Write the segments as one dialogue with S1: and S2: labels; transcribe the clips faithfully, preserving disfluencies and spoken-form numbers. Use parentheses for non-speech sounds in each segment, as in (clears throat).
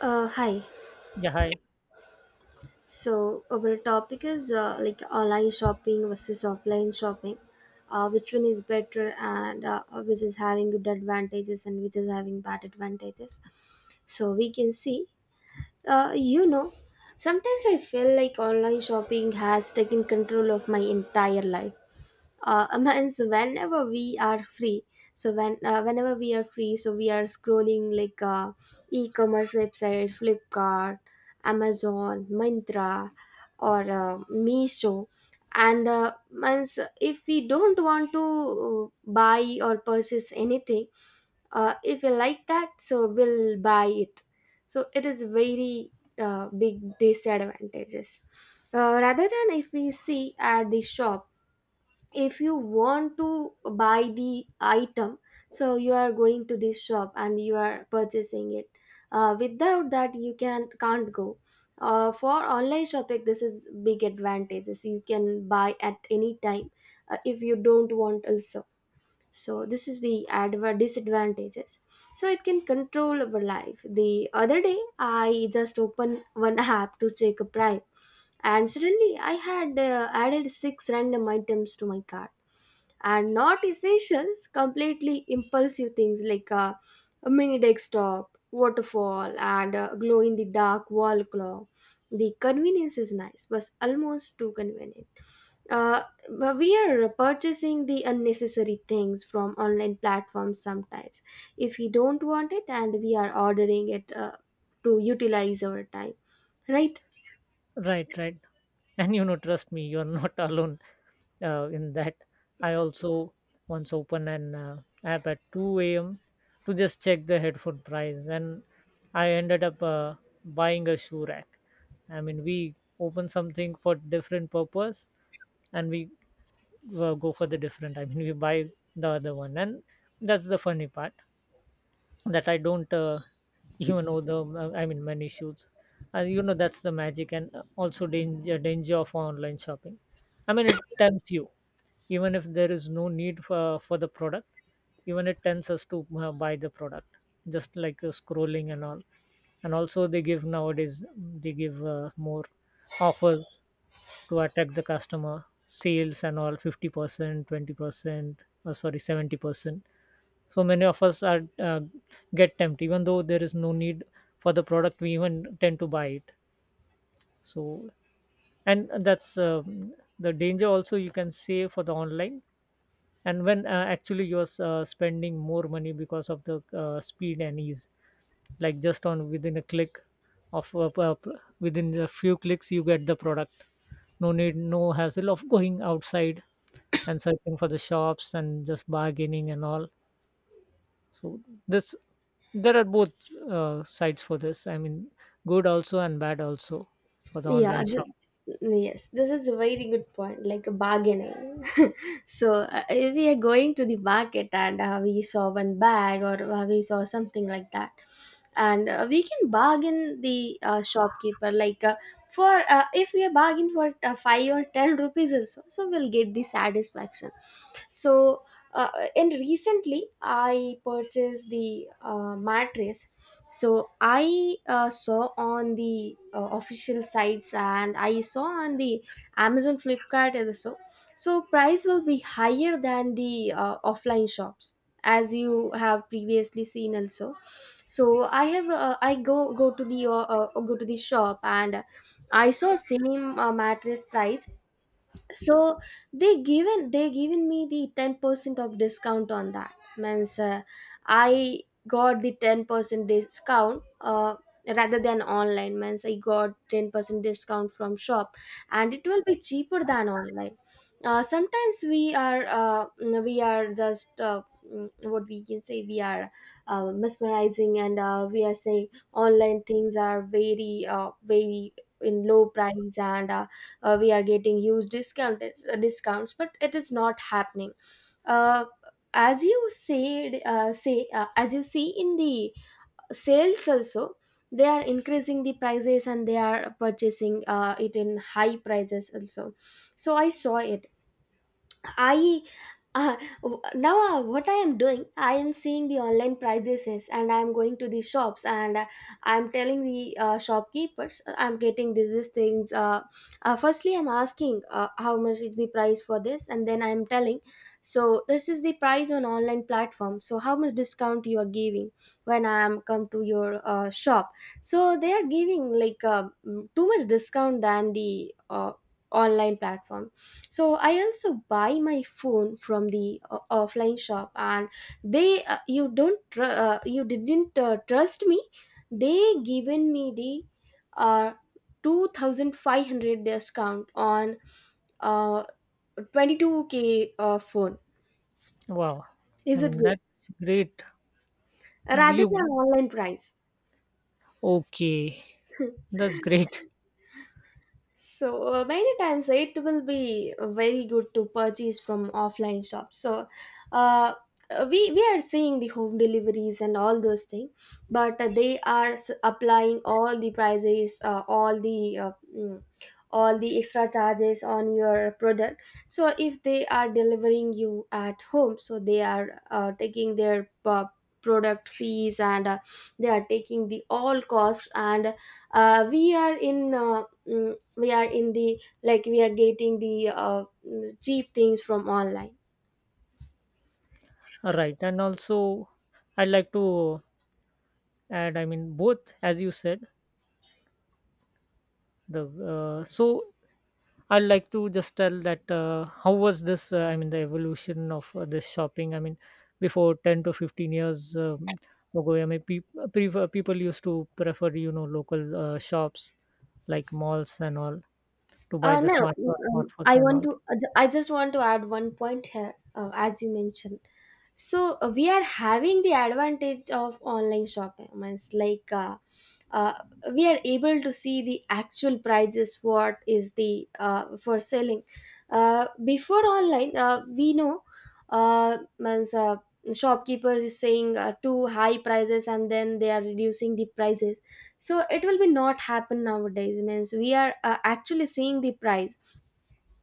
S1: Uh, hi.
S2: Yeah, hi.
S1: So our topic is uh, like online shopping versus offline shopping. Uh, which one is better and uh, which is having good advantages and which is having bad advantages. So we can see. Uh, you know, Sometimes I feel like online shopping has taken control of my entire life, uh, (laughs) means whenever we are free, so when uh, whenever we are free, so we are scrolling like uh, e-commerce website Flipkart, Amazon, Myntra, or uh, Meesho. And uh, means if we don't want to uh, buy or purchase anything, uh, if we like that, so we'll buy it. So it is very uh, big disadvantages, uh, rather than if we see at the shop. If you want to buy the item, so you are going to this shop and you are purchasing it. Uh, without that you can can't go. Uh, for online shopping this is big advantages, you can buy at any time, uh, if you don't want also. So this is the adva- disadvantages. So it can control our life. The other day I just opened one (laughs) app to check a price, and suddenly I had uh, added six random items to my cart. And not essentials, completely impulsive things like uh, a mini desktop waterfall and a glow in the dark wall clock. The convenience is nice but almost too convenient. Uh, but we are purchasing the unnecessary things from online platforms sometimes, if we don't want it and we are ordering it, uh, to utilize our time, right?
S2: Right, right. And you know, trust me, you're not (laughs) alone uh, in that. I also once opened an uh, app at two a m to just check the headphone price, and I ended up uh, buying a shoe rack. I mean, we open something for different purpose, and we uh, go for the different. I mean, we buy the other one, and that's the funny part that I don't uh, you know the uh, I mean, many shoots uh, you know that's the magic and uh, also danger danger of online shopping. I mean, it tempts you, even if there is no need for, for the product. Even it tempts us to uh, buy the product, just like uh, scrolling and all. And also they give nowadays, mm, they give uh, more offers to attract the customer sales and all, fifty percent, twenty percent, or sorry, seventy percent. So many of us are uh, get tempted, even though there is no need for the product, we even tend to buy it. So, and that's uh, the danger also, you can say, for the online. And when uh, actually you're uh, spending more money because of the uh, speed and ease, like just on within a click of uh, p- uh, p- within a few clicks you get the product. No need, no hassle of going outside and searching for the shops and just bargaining and all. So this, there are both uh, sides for this, I mean, good also and bad also for the
S1: Yeah,
S2: online shop.
S1: th- yes, this is a very good point, like a bargaining. (laughs) So, uh, if we are going to the market and uh, we saw one bag or uh, we saw something like that, and uh, we can bargain the uh, shopkeeper like uh, for uh, if we bargain for uh, five or ten rupees, also, so we'll get the satisfaction. So, uh, and recently I purchased the uh, mattress. So I uh, saw on the uh, official sites, and I saw on the Amazon, Flipkart also. So, so price will be higher than the uh, offline shops, as you have previously seen also. So I have uh, I go go to the uh, uh, go to the shop, and I saw same uh, mattress price. So they given they given me the ten percent of discount on that. Means uh, I got the ten percent discount, uh, rather than online. Means I got ten percent discount from shop, and it will be cheaper than online. Uh, sometimes we are uh, we are just uh, mm, what we can say, we are uh, mesmerizing, and uh, we are saying online things are very uh, very in low price, and uh, uh, we are getting huge discount uh, discounts, but it is not happening. uh, as you said, uh, say uh, as you see in the sales also, they are increasing the prices and they are purchasing uh, it in high prices also. So I saw it. I, uh, w- now uh, what I am doing, I am seeing the online prices and I am going to the shops, and uh, I am telling the uh, shopkeepers, uh, I am getting these these things. Uh, uh, firstly, I am asking uh, how much is the price for this, and then I am telling. So this is the price on online platform. So how much discount you are giving when I am come to your uh, shop? So they are giving like uh, mm, too much discount than the uh, online platform. So I also buy my phone from the o- offline shop, and they, uh, you don't tr- uh, you didn't uh, trust me, they given me the uh, two thousand five hundred discount on uh, twenty-two k uh, phone.
S2: Wow. I
S1: Is it
S2: mean,
S1: good,
S2: that's great.
S1: rather than
S2: You,
S1: online price?
S2: okay,
S1: (laughs)
S2: that's great.
S1: So uh, many times it will be very good to purchase from offline shops. So uh, uh, we we are seeing the home deliveries and all those things, but uh, they are s- applying all the prices, uh, all the uh, mm, all the extra charges on your product. So if they are delivering you at home, so they are uh, taking their uh, product fees, and uh, they are taking the all costs, and uh, we are in. Uh, mm, we are in the like we are getting the uh, cheap things from online.
S2: (laughs) All right, and also I'd like to add, I mean, both, as you said, the uh, so I'd like to just tell that uh, how was this? Uh, I mean, the evolution of uh, this shopping. I mean, before ten to fifteen years um, ago, I mean, peop uh, prefer, people used to prefer, you know, local uh, shops like malls and all, to buy
S1: Uh,
S2: the
S1: no,
S2: smart
S1: mm,
S2: uh,
S1: um,
S2: smartphones
S1: I
S2: and
S1: want
S2: all.
S1: to. I just want to add one point here, uh, as you mentioned. So uh, we are having the advantage of online shopping. Means like uh, uh, we are able to see the actual prices. What is the uh, for selling? Uh, before online, uh, we know, uh, means uh, shopkeeper is saying uh, too high prices, and then they are reducing the prices. So it will be not happen nowadays. Means we are uh, actually seeing the price.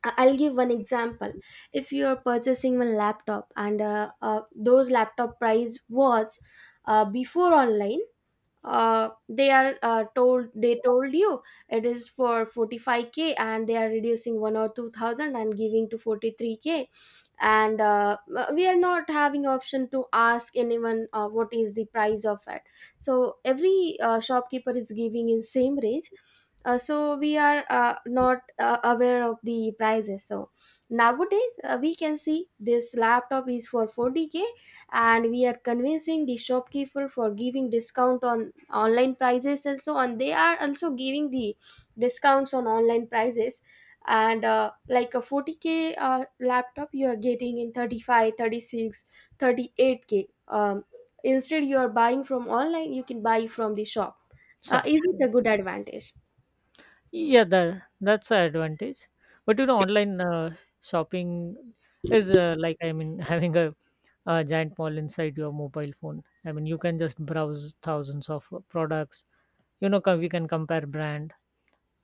S1: I- I'll give one example. If you are purchasing one laptop, and uh, uh, those laptop price was uh, before online, uh they are uh, told they told you it is for forty-five k, and they are reducing one or two thousand and giving to forty-three k. And uh, uh, we are not having option to ask anyone uh, what is the price of it. So every uh, shopkeeper is giving in same range. Uh, so we are uh, not uh, aware of the prices. So nowadays uh, we can see this laptop is for forty k, and we are convincing the shopkeeper for giving discount on online prices, and so on, they are also giving the discounts on online prices. And uh, like a forty k uh, laptop, you are getting in thirty-five thirty-six thirty-eight k. Um, instead you are buying from online, you can buy from the shop. Uh,
S2: Shop.
S1: is it a good advantage?
S2: Yeah, that that's an advantage. But you know, online uh, shopping is uh, like, I mean, (laughs) having a, a giant mall inside your mobile phone. I mean, you can just browse thousands of uh, products. You know, co- we can compare brand,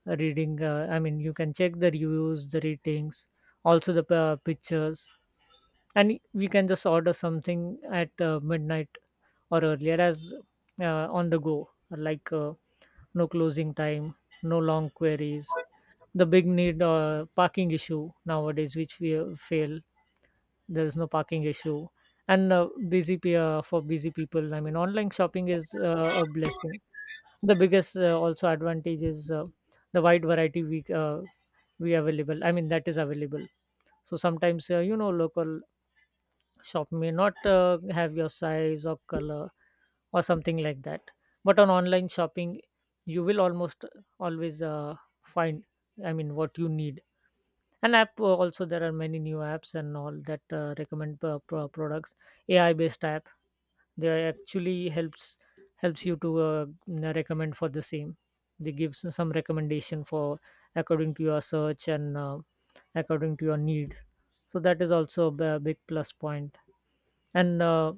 S2: uh, reading, uh, I mean, you can check the reviews, the ratings, also the uh, pictures. And we can just order something at uh, midnight or earlier, as uh, on the go, like uh, no closing time, no long queries, the big need uh, parking issue nowadays, which we uh, fail. There is no parking issue. And uh, busy pe- uh, for busy people, I mean, online shopping is uh, a blessing. The biggest uh, also advantage is uh, the wide variety we uh, we available, I mean, that is available. So sometimes uh, you know, local shop may not uh, have your size or color or something like that. But on online shopping, you will almost always uh, find, I mean, what you need. An app, uh, also there are many new apps and all that uh, recommend uh, pro- products, AI based apps. They actually helps helps you to uh, recommend for the same. They gives some recommendation for, according to your search and uh, according to your need. So that is also a b- big plus point point. And uh,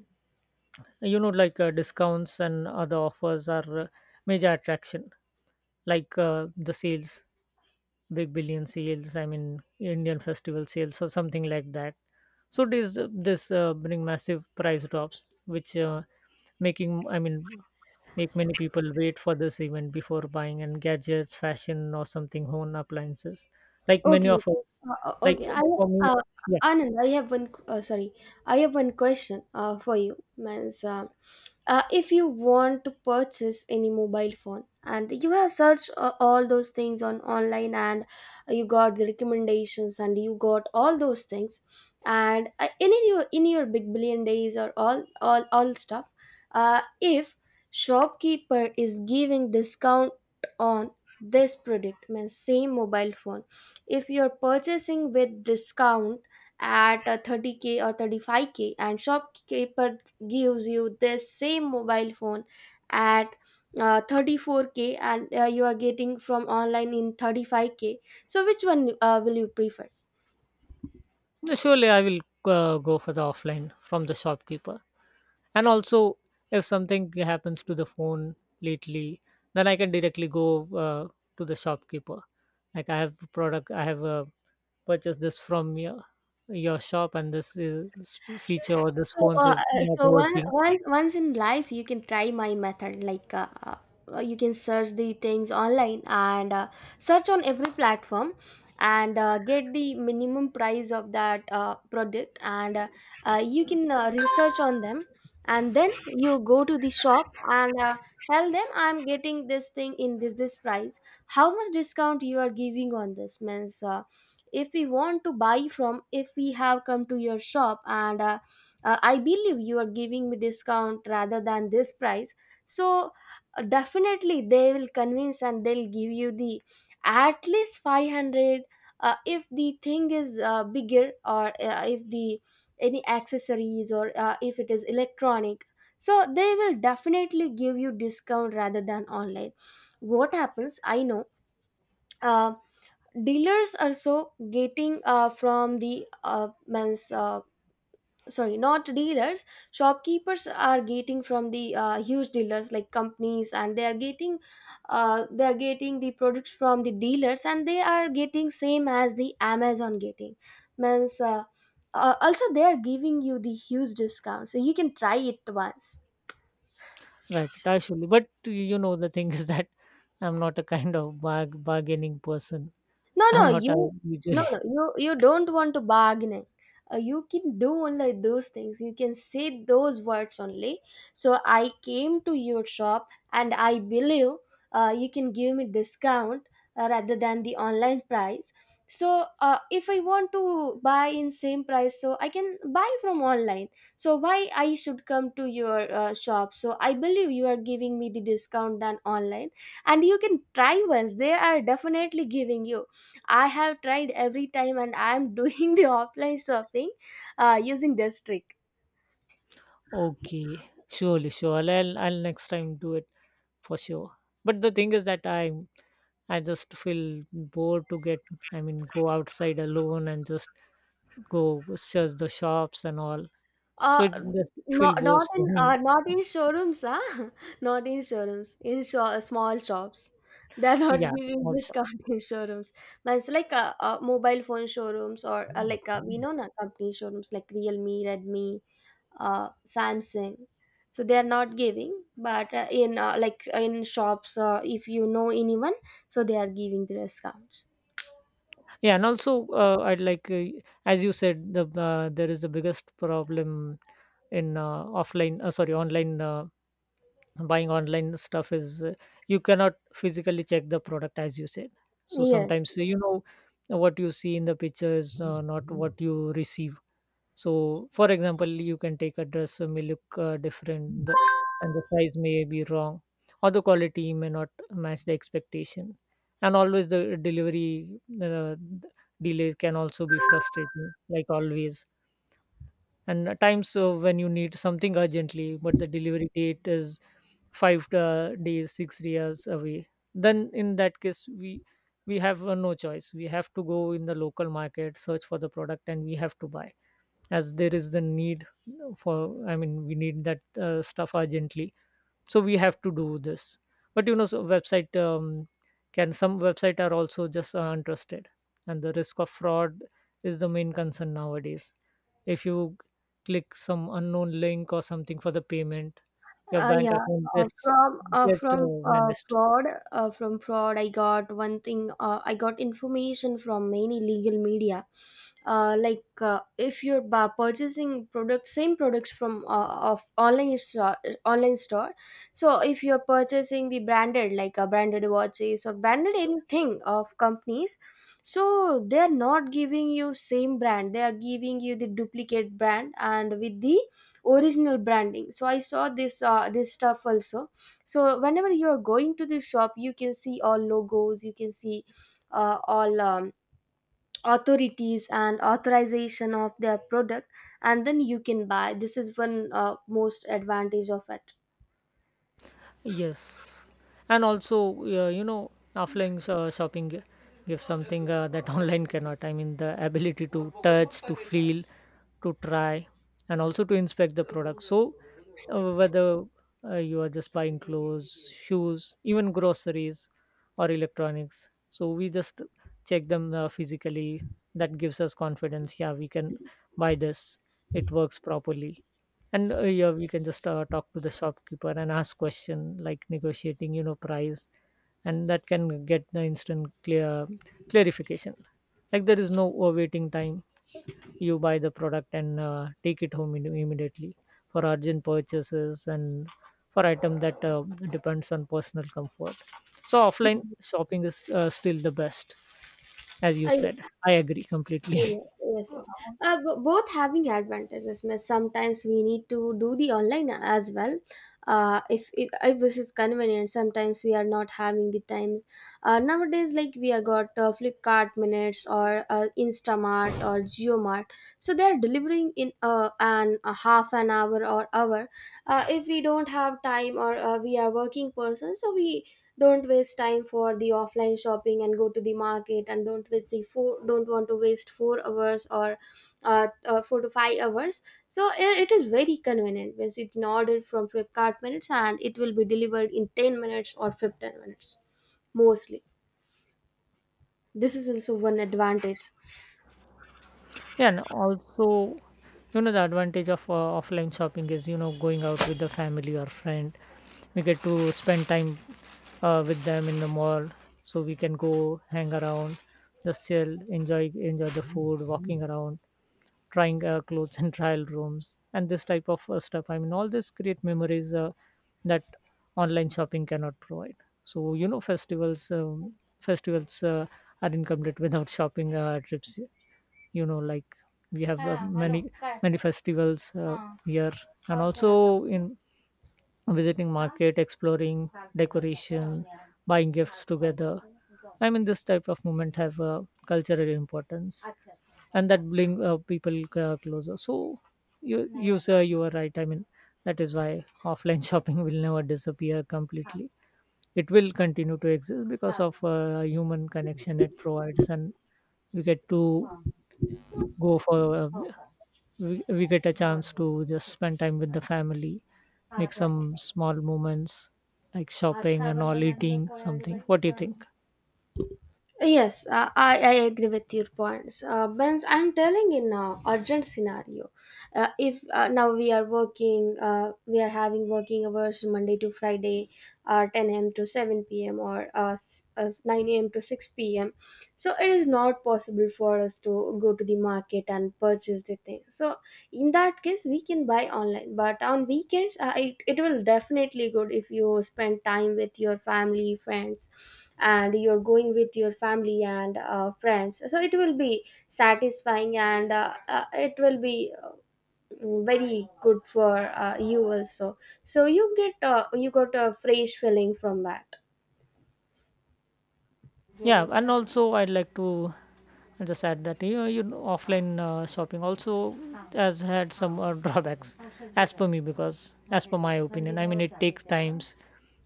S2: you know, like uh, discounts and other offers are uh, major attraction, like uh, the sales, big billion sales, I mean, Indian festival sales or something like that. So this this uh, bring massive price drops, which uh, making, I mean, make many people wait for this event before buying, and gadgets, fashion, or something home appliances, like many
S1: Okay.
S2: of us,
S1: Uh, uh,
S2: like
S1: okay. I
S2: for me.
S1: uh,
S2: Yeah.
S1: Anand, I have one. Q- Uh, sorry, I have one question. Uh, for you. Means uh, uh, if you want to purchase any mobile phone, and you have searched uh, all those things on online, and you got the recommendations and you got all those things, and uh, in your in your big billion days or all all all stuff, uh, if shopkeeper is giving discount on this product, means same mobile phone, if you're purchasing with discount at a thirty k or thirty-five k, and shopkeeper gives you this same mobile phone at uh, thirty-four k, and uh, you are getting from online in thirty-five k, so which one uh, will you prefer?
S2: No, surely I will uh, go for the offline from the shopkeeper. And also if something happens to the phone lately, then I can directly go uh, to the shopkeeper, like I have product, I have uh, purchased this from your, your shop, and this, is, this feature or this
S1: So,
S2: phone
S1: uh,
S2: is
S1: uh,
S2: not
S1: so one,
S2: working.
S1: once once in life you can try my method. Like uh, uh, you can search the things online, and uh, search on every platform, and uh, get the minimum price of that uh, product, and uh, uh, you can uh, research on them, and then you go to the shop, and uh, tell them I'm getting this thing in this this price. How much discount you are giving on this? Means, Uh, if we want to buy from, if we have come to your shop, and uh, uh, I believe you are giving me discount rather than this price. So uh, definitely they will convince and they'll give you the at least five hundred, uh, if the thing is uh, bigger, or uh, if the any accessories, or uh, if it is electronic, so they will definitely give you discount rather than online. What happens, I know, uh, dealers are so getting uh, from the uh, means, uh, sorry, not dealers, shopkeepers are getting from the uh, huge dealers like companies, and they are getting uh, they are getting the products from the dealers, and they are getting same as the Amazon getting. Means uh, uh, also they are giving you the huge discount, so you can try it once.
S2: Right, Tashuli. But you know, the thing (laughs) is that I'm not a kind of barg- bargaining person.
S1: No,
S2: I'm
S1: no,
S2: not a
S1: you no,
S2: usually. (laughs)
S1: no, you you don't want to bargaining. Uh, you can do only those things. You can say those words only. So I came to your shop and I believe uh, you can give me discount uh, rather than the online price. So uh, if I want to buy in same price, so I can buy from online. So why I should come to your uh, shop? So I believe you are giving me the discount than online. And you can try once, they are definitely giving you. I have tried every time and I am (laughs) doing the offline shopping uh, using this trick.
S2: Okay, surely, sure. I'll, I'll next time do it for sure. But the thing is that i I just feel bored to get. I mean, go outside alone and just go search the shops and all. So
S1: Uh,
S2: it just feel
S1: not,
S2: bored
S1: not in
S2: for
S1: uh,
S2: me.
S1: not in showrooms, ah, (laughs) not in showrooms, in sho- uh, small shops. (laughs) They're not
S2: Yeah,
S1: giving
S2: small shop.
S1: discount in showrooms. But it's like uh, uh, mobile phone showrooms, or uh, like uh, we know na company showrooms like Realme, Redmi, uh, Samsung. So they are not giving, but uh, in uh, like uh, in shops, uh, if you know anyone, so they are giving the discounts.
S2: Yeah, and also uh, I'd like, uh, as you said, the uh, there is the biggest problem in uh, offline, uh, sorry, online, uh, buying online stuff is, uh, you cannot physically check the product, as you said. So
S1: Yes.
S2: sometimes, you know, what you see in the picture is uh, not what you receive. So for example, you can take a dress, uh, may look uh, different, the, and the size may be wrong, or the quality may not match the expectation. And always the delivery uh, delays can also be frustrating, like always. And at times, uh, when you need something urgently, but the delivery date is five uh, days, six days away. Then in that case, we we have uh, no choice. We have to go in the local market, search for the product, and we have to buy, as there is the need for, I mean, we need that uh, stuff urgently. So we have to do this. But you know, so website, um, can, some website are also just uh, untrusted. And the risk of fraud is the main concern nowadays. If you click some unknown link or something for the payment, your
S1: Uh,
S2: bank
S1: yeah.
S2: account
S1: Uh,
S2: gets
S1: from uh,
S2: get
S1: from
S2: uh,
S1: uh,
S2: vanished.
S1: fraud, uh, from fraud, I got one thing. Uh, I got information from many legal media. Uh, like uh, if you're bu- purchasing products, same products from uh, of online store, online store. So if you're purchasing the branded, like uh, branded watches or branded anything of companies, so they're not giving you same brand. They are giving you the duplicate brand and with the original branding. So I saw this uh, this stuff also. So whenever you're going to the shop, you can see all logos. You can see uh, all um, authorities and authorization of their product, and then you can buy. This is one uh, most advantage of it.
S2: Yes, and also uh, you know, offline uh, shopping gi- gives something uh, that (laughs) online cannot. I mean, the ability to touch, to feel, to try, and also to inspect the product. So, uh, whether uh, you are just buying clothes, shoes, even groceries or electronics, so we just check them uh, physically. That gives us confidence. Yeah, we can buy this. It works properly, and uh, yeah, we can just uh, talk to the shopkeeper and ask question, like negotiating, you know, price. And that can get the instant clear clarification, like there is no uh, waiting time. You buy the product and uh, take it home im- immediately, for urgent purchases and for item that uh, depends on personal comfort. So offline
S1: Mhm.
S2: shopping is uh, still the best, as you
S1: I.
S2: said. I agree completely. (laughs)
S1: Yeah. Yes, yes. Uh, b- both having advantages. Miss. Sometimes we need to do the online as well. Uh, if, if if this is convenient, sometimes we are not having the times. Uh, nowadays, like we have got uh, Flipkart minutes or uh, Instamart or JioMart, so they are delivering in uh, an a half an hour or hour. Uh, if we don't have time or uh, we are working person, so we don't waste time for the offline shopping and go to the market and don't waste the four don't want to waste four hours or uh, uh, four to five hours. So i- it is very convenient because you can order from Flipkart minutes and it will be delivered in ten minutes or fifteen minutes, mostly. This is also one advantage.
S2: Yeah, and also, you know, the advantage of uh, offline shopping is, you know, going out with the family or friend. We get to spend time uh, with them in the mall, so we can go hang around, just chill, enjoy enjoy the food, walking around, trying uh, clothes in trial rooms, and this type of uh, stuff. I mean, all this create memories uh, that online shopping cannot provide. So you know, festivals um, festivals uh, are incomplete without shopping uh, trips. You know, like we have uh, many many many festivals uh, here, and okay, also in visiting market, exploring, decoration, buying gifts together. I mean, this type of movement have uh, cultural importance, and that bring uh, people uh, closer. So you you sir, you are right, I mean, that is why offline (laughs) shopping will never disappear completely. It will continue to exist because of uh, human connection it provides, and we get to go for uh, we, we get a chance to just spend time with the family, make some small moments, like shopping and all, eating something. What do you think?
S1: Yes, uh, I, I agree with your points. Uh, Benz, I'm telling in now urgent scenario. Uh, if uh, now we are working, uh, we are having working hours Monday to Friday, uh, ten a m to seven p m or uh, s- uh, nine a m to six p m. So it is not possible for us to go to the market and purchase the thing. So in that case we can buy online, but on weekends uh, it, it will definitely good if you spend time with your family friends, and you're going with your family and uh, friends, so it will be satisfying and uh, uh, it will be uh, very good for uh, you also. So you get uh, you got a fresh feeling from that.
S2: Yeah, and also I'd like to just add that, you know, you know, offline uh, shopping also has had some uh, (laughs) drawbacks, as per me, because as per my opinion, I mean, it takes times.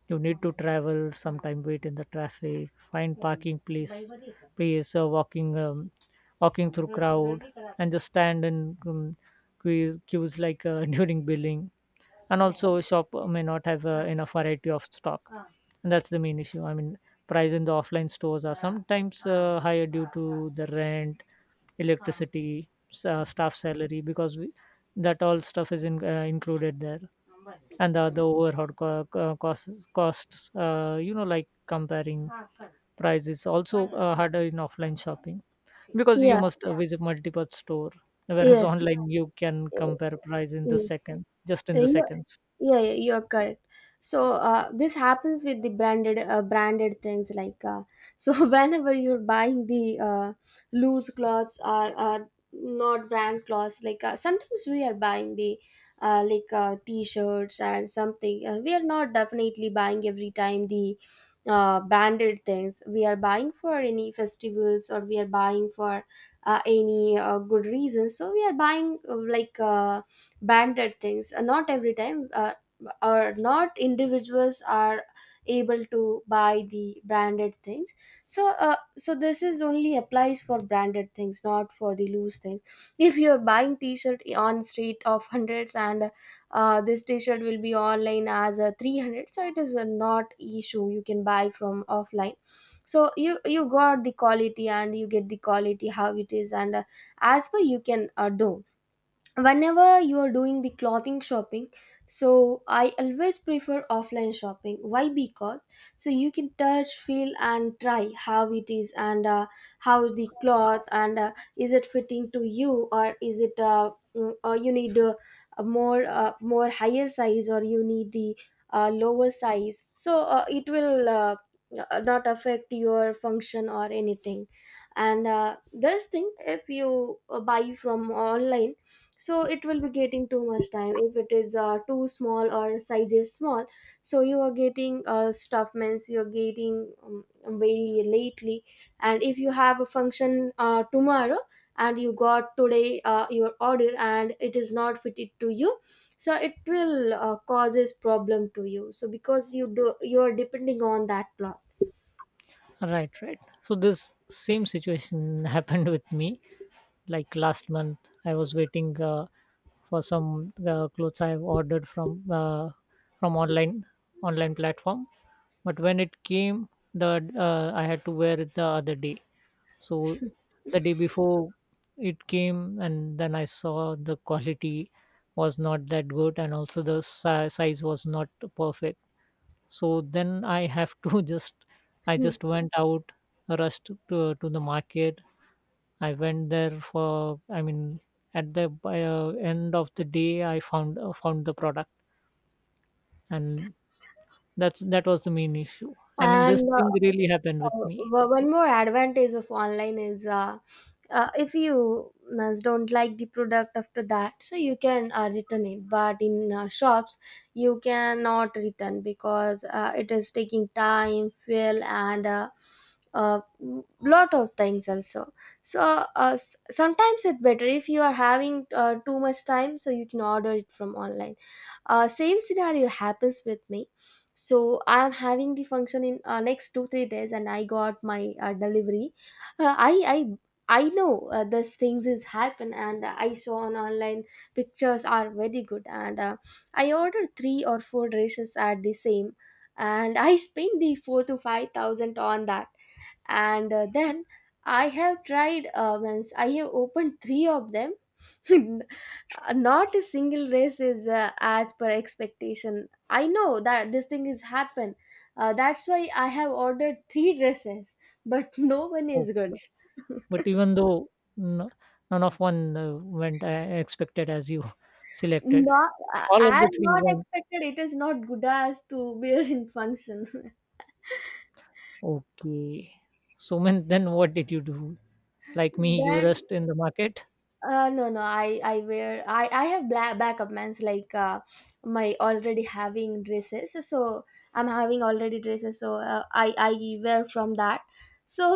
S2: You need to travel sometime, wait in the traffic, find parking place place uh, walking, um, walking through crowd, and just stand in um, queues, queues like uh, (laughs) during billing. And also shop may not have uh, enough variety of stock. And that's the main issue, I mean, price in the offline stores are sometimes uh, higher due to the rent, electricity, s- uh, staff salary, because we, that all stuff is in, uh, included there, and the, the overhead co- co- costs costs, uh, you know, like comparing prices also uh, harder in offline shopping, because you
S1: Yeah.
S2: must uh, visit multiple store. Whereas
S1: Yes, yes.
S2: online you can compare price in the seconds, just in
S1: Uh,
S2: the
S1: yeah.
S2: seconds.
S1: Yeah, yeah, you're correct. So uh, this happens with the branded uh, branded things like uh, so (laughs) whenever you're buying the uh, loose clothes or uh, not brand clothes. Like uh, sometimes we are buying the uh, like uh, t-shirts and something. Uh, we are not definitely buying every time the uh, branded things. We are buying for any festivals, or we are buying for uh, any uh, good reasons. So we are buying uh, like uh, banded things uh, not every time, uh, or not individuals are able to buy the branded things. So uh, so this is only applies for branded things, not for the loose thing. (laughs) If you're buying t-shirt on street of hundreds and uh, this t-shirt will be online as a three hundred, so it is a not issue. You can buy from offline. So you you got the quality and you get the quality how it is, and uh, as per you can uh, do whenever you are doing the clothing shopping. So I always prefer offline shopping. Why? Because so you can touch, feel, and try how it is, and uh, how the cloth and uh, is it fitting to you, or is it uh, mm, or you need uh, a more uh, more higher size, or you need the uh, lower size. So uh, it will uh, uh, not affect your function or anything. And uh, this thing if you uh, buy from online, so it will be getting too much time if it is uh, too small, or size is small. So you are getting uh, stuff, means you're getting um, very lately. And if you have a function uh, tomorrow, and you got today uh, your order and it is not fitted to you, so it will uh, causes problem to you. So because you do, you are depending on that plot.
S2: Right, right, so this same situation (laughs) happened with me, like last month I was waiting uh, for some uh, clothes I have ordered from uh, from online online platform. But when it came, the uh, I had to wear it the other day. So the day before, it came, and then I saw the quality was not that good, and also the si- size was not perfect. So then I have to (laughs) just i
S1: Hmm.
S2: just went out rushed to, to the market. I went there for i mean at the by, uh, end of the day I found uh, found the product and That's that was the main issue. I mean, this
S1: And uh,
S2: thing really happened with
S1: uh,
S2: me.
S1: o- one
S2: So
S1: more advantage of online is uh, uh, if you uh, don't like the product after that, so you can uh, return it. But in uh, shops, you cannot return, because uh, it is taking time, fuel and uh, uh, lot of things also. So uh, s- sometimes it's better if you are having uh, too much time, so you can order it from online. Uh, same scenario happens with me. So I'm having the function in uh, next two three days, and I got my uh, delivery. Uh, i i I know uh, these things is happen, and I saw on online pictures are very good, and uh, I ordered three or four dishes at the same, and I spent the four to five thousand on that. And uh, then I have tried uh, once. I have opened three of them. (laughs) Not a single race is uh, as per expectation. I know that this thing is happen. Uh, that's why I have ordered three dresses, but (laughs) no one is good.
S2: okay, but even though n- none of one uh, went I expected as you (laughs) selected,
S1: Not uh,
S2: all of
S1: as,
S2: the three
S1: not
S2: went
S1: expected. It is not good as to wear in function.
S2: okay. So when, then what did you do?
S1: (laughs)
S2: Like me, you
S1: Then
S2: rest in the market,
S1: Uh, no, no. I I wear, I I have black backup plans like uh, my already having dresses. So I'm having already dresses. So uh, I I wear from that. So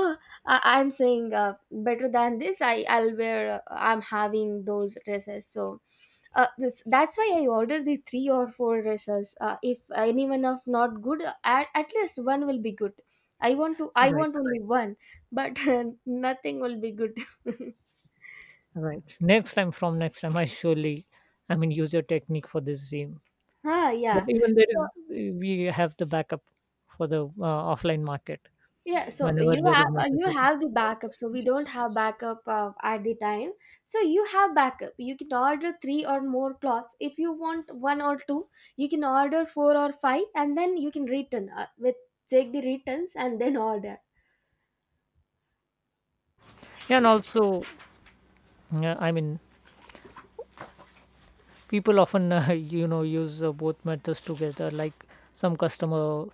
S1: I, I'm saying uh, better than this, I I'll wear. Uh, I'm having those dresses. So uh, this, that's why I ordered the three or four dresses. Uh, if any one of not good, uh, at at least one will be good. I want to, I
S2: right?
S1: want only one, but (laughs) nothing will be good. (laughs)
S2: Right. Next time, from next time, I surely, I mean, use your technique for this same.
S1: Ah,
S2: But
S1: yeah.
S2: even there
S1: So,
S2: is, we have the backup for the uh, offline market
S1: yeah, so
S2: whenever
S1: you
S2: there
S1: have
S2: is
S1: uh, you
S2: necessary.
S1: have the backup. So we don't have backup uh, at the time. So you have backup. You can order three or more cloths. If you want one or two, you can order four or five, and then you can return uh, with take the returns and then order,
S2: Yeah, and also yeah, I mean, people often uh, (laughs) you know use uh, both methods together. Like some customer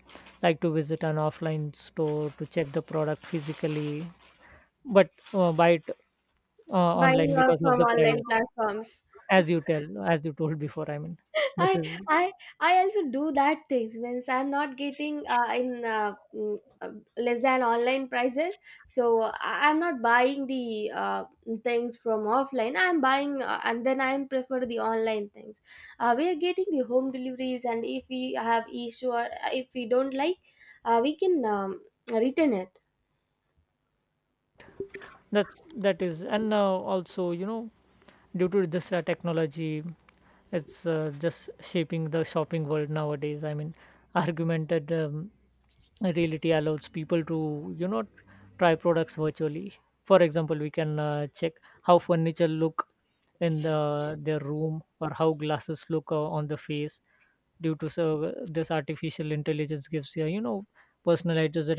S2: like to visit an offline store to check the product physically, but uh, buy it uh,
S1: buy
S2: online
S1: uh,
S2: because of
S1: from
S2: the price.
S1: online platforms.
S2: As you tell, as you told before, I mean, this
S1: I
S2: is
S1: I I also do that things, means I'm not getting uh, in uh, mm, uh, less than online prices. So I- I'm not buying the uh, things from offline. I'm buying uh, and then I'm prefer the online things. Uh, we are getting the home deliveries, and if we have issue or if we don't like uh, we can um, return it.
S2: that's that is, and uh, also you know due to this uh, technology it's uh, just shaping the shopping world nowadays. I mean, argumented um, reality allows people to, you know, try products virtually. For example, we can uh, check how furniture look in the their room or how glasses look uh, on the face due to, so this artificial intelligence gives you, you know, personalized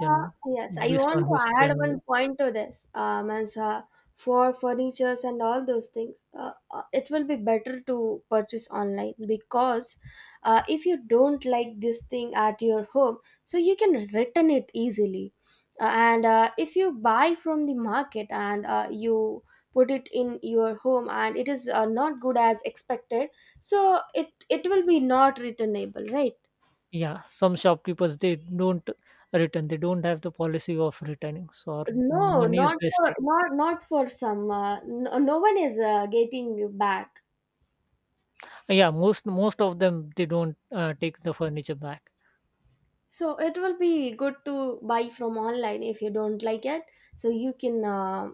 S1: Uh, yes, I
S2: based
S1: want
S2: on
S1: to
S2: history
S1: add
S2: and
S1: one
S2: all.
S1: point to this. Um, as uh, for furnitures and all those things, uh, uh, it will be better to purchase online, because uh, if you don't like this thing at your home, so you can return it easily. Uh, and uh, if you buy from the market and uh, you put it in your home and it is uh, not good as expected, so it it will be not returnable, right?
S2: Yeah, some shopkeepers they don't return, they don't have the policy of returning, so our
S1: No,
S2: money is
S1: not for
S2: wasted.
S1: not not for some. Uh, no, no one is uh, getting back.
S2: Yeah, most most of them they don't uh, take the furniture back.
S1: So it will be good to buy from online if you don't like it. So you can uh,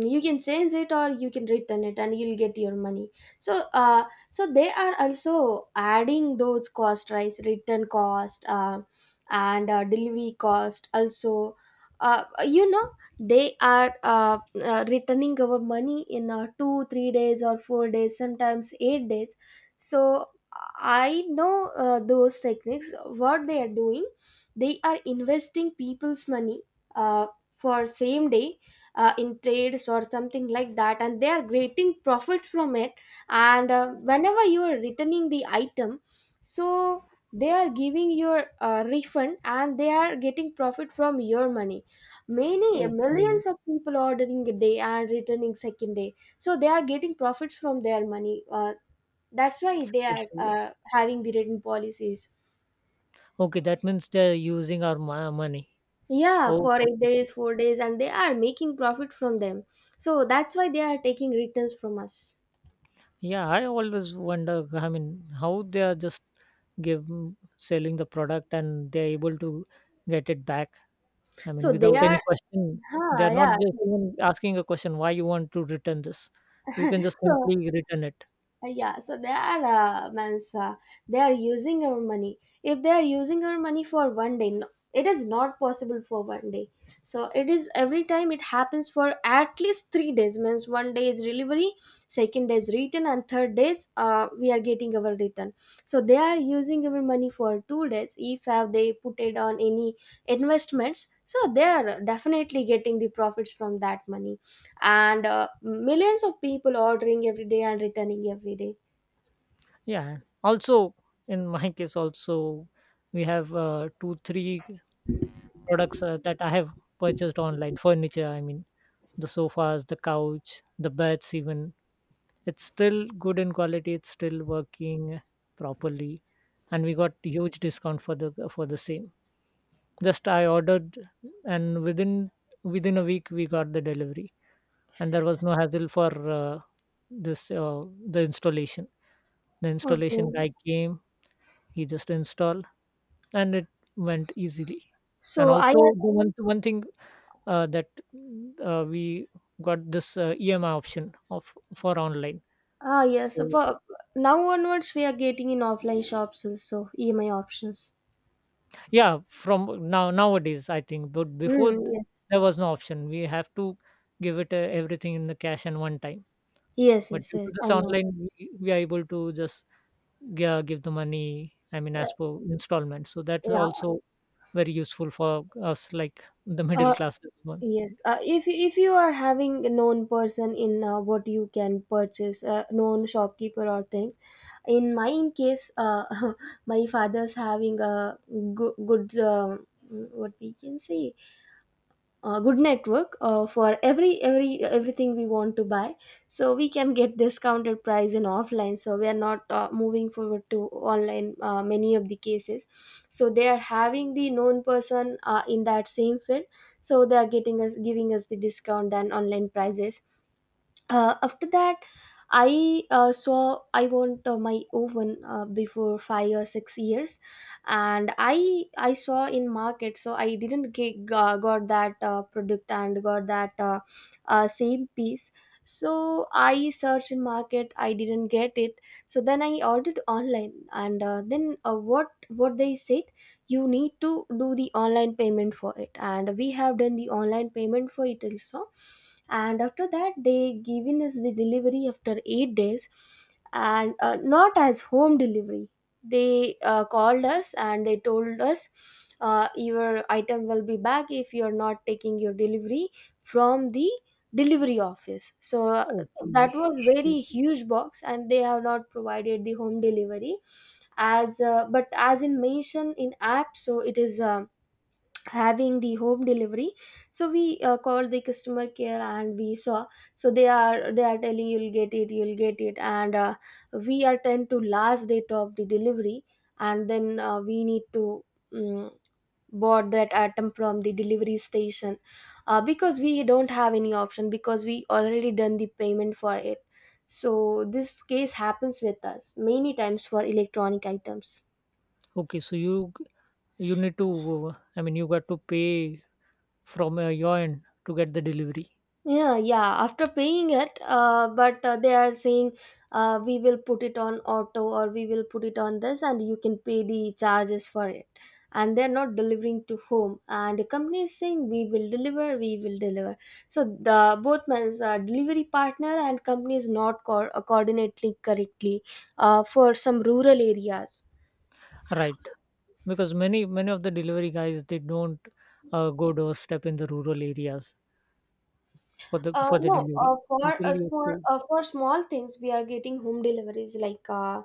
S1: you can change it, or you can return it and you'll get your money. So uh, so they are also adding those cost, right? Return cost uh, and uh, delivery cost also, uh, you know, they are uh, uh, returning our money in uh, two three days or four days, sometimes eight days. So I know uh, those techniques what they are doing. They are investing people's money, uh, for same day uh, in trades or something like that, and they are getting profit from it. And uh, whenever you are returning the item, so they are giving your uh, refund, and they are getting profit from your money. Many
S2: Okay.
S1: millions of people ordering a day and returning second day, so they are getting profits from their money. Uh, that's why they are
S2: Okay,
S1: uh, having the written policies.
S2: okay, that means they're using our mo- money.
S1: Yeah, for
S2: Okay,
S1: eight
S2: okay.
S1: days four days, and they are making profit from them. So that's why they are taking returns from us.
S2: Yeah, I always wonder, I mean how they are just give selling the product and they're able to get it back, I mean
S1: So they
S2: without any
S1: are,
S2: question.
S1: huh,
S2: They're not
S1: yeah.
S2: just even asking a question why you want to return this. You can just
S1: So
S2: simply return it.
S1: uh, yeah, so they are, uh, means uh, they are using our money. If they are using our money for one day, no, it is not possible for one day. So it is every time it happens for at least three days. Means one day is delivery, second day is return, and third days uh, we are getting our return. So they are using our money for two days. If have they put it on any investments, so they are definitely getting the profits from that money, and uh, millions of people ordering every day and returning every day.
S2: Yeah. Also, in my case, also we have uh, two, three products uh, that I have purchased online. Furniture, I mean, the sofas, the couch, the beds, even. It's still good in quality. It's still working properly, and we got huge discount for the for the same. Just I ordered, and within within a week we got the delivery, and there was no hassle for uh, this uh, the installation. The installation
S1: Okay.
S2: guy came, he just installed and it went easily. And
S1: So I uh,
S2: also the one, one thing uh, that uh, we got this uh, emi option of for online.
S1: ah, yes,
S2: So
S1: for now onwards we are getting in offline shops also E M I options.
S2: yeah, from now nowadays I think, but before th-
S1: Mm, yes.
S2: there was no option. We have to give it uh, everything in the cash and one time,
S1: Yes,
S2: but
S1: yes,
S2: due
S1: yes.
S2: to
S1: I
S2: this
S1: know.
S2: online we, we are able to just, yeah, give the money I mean
S1: Uh,
S2: as per installment. So that's
S1: yeah.
S2: also very useful for us like the middle
S1: Uh,
S2: classes one.
S1: yes. Uh, if you- if you are having a known person in uh, what you can purchase, uh, known shopkeeper or things. In my in case, uh, (laughs) my father's having a good good um, what we can say uh, good network uh, for every every everything we want to buy, so we can get discounted price in offline, so we are not uh, moving forward to online uh, many of the cases. So they are having the known person uh, in that same field, so they are getting us giving us the discount than online prices. Uh, after that, I uh, saw I want uh, my oven uh, before five or six years, and i i saw in market, so I didn't get uh, got that uh, product and got that uh, uh, same piece. So I searched in market, I didn't get it, so then I ordered online. And uh, then uh, what what they said, you need to do the online payment for it, and we have done the online payment for it also. And after that they given us the delivery after eight days, and uh, not as home delivery. They uh, called us and they told us, uh, your item will be back if you are not taking your delivery from the delivery office. So uh, that
S2: Okay.
S1: was very huge box and they have not provided the home delivery as uh, but as in mentioned in app, so it is um having the home delivery. So we uh, called the customer care and we saw, so they are they are telling you'll get it, you'll get it, and uh, we attend to last date of the delivery. And then uh, we need to um, bought that item from the delivery station, uh, because we don't have any option, because we already done the payment for it. So this case happens with us many times for electronic items.
S2: Okay, so you g- you need to uh, I mean you got to pay from uh, your end to get the delivery.
S1: Yeah, yeah. After paying it, uh, but uh, they are saying, uh, we will put it on auto or we will put it on this, and you can pay the charges for it. And they're not delivering to home, and the company is saying we will deliver, we will deliver. So the both means uh, delivery partner and company is not co- coordinating correctly uh, for some rural areas.
S2: Right. Because many many of the delivery guys they don't uh, go doorstep in the rural areas for the
S1: Uh,
S2: for the
S1: no,
S2: delivery.
S1: uh, for
S2: People
S1: a
S2: used
S1: small
S2: to
S1: uh, for small things we are getting home deliveries like. Uh,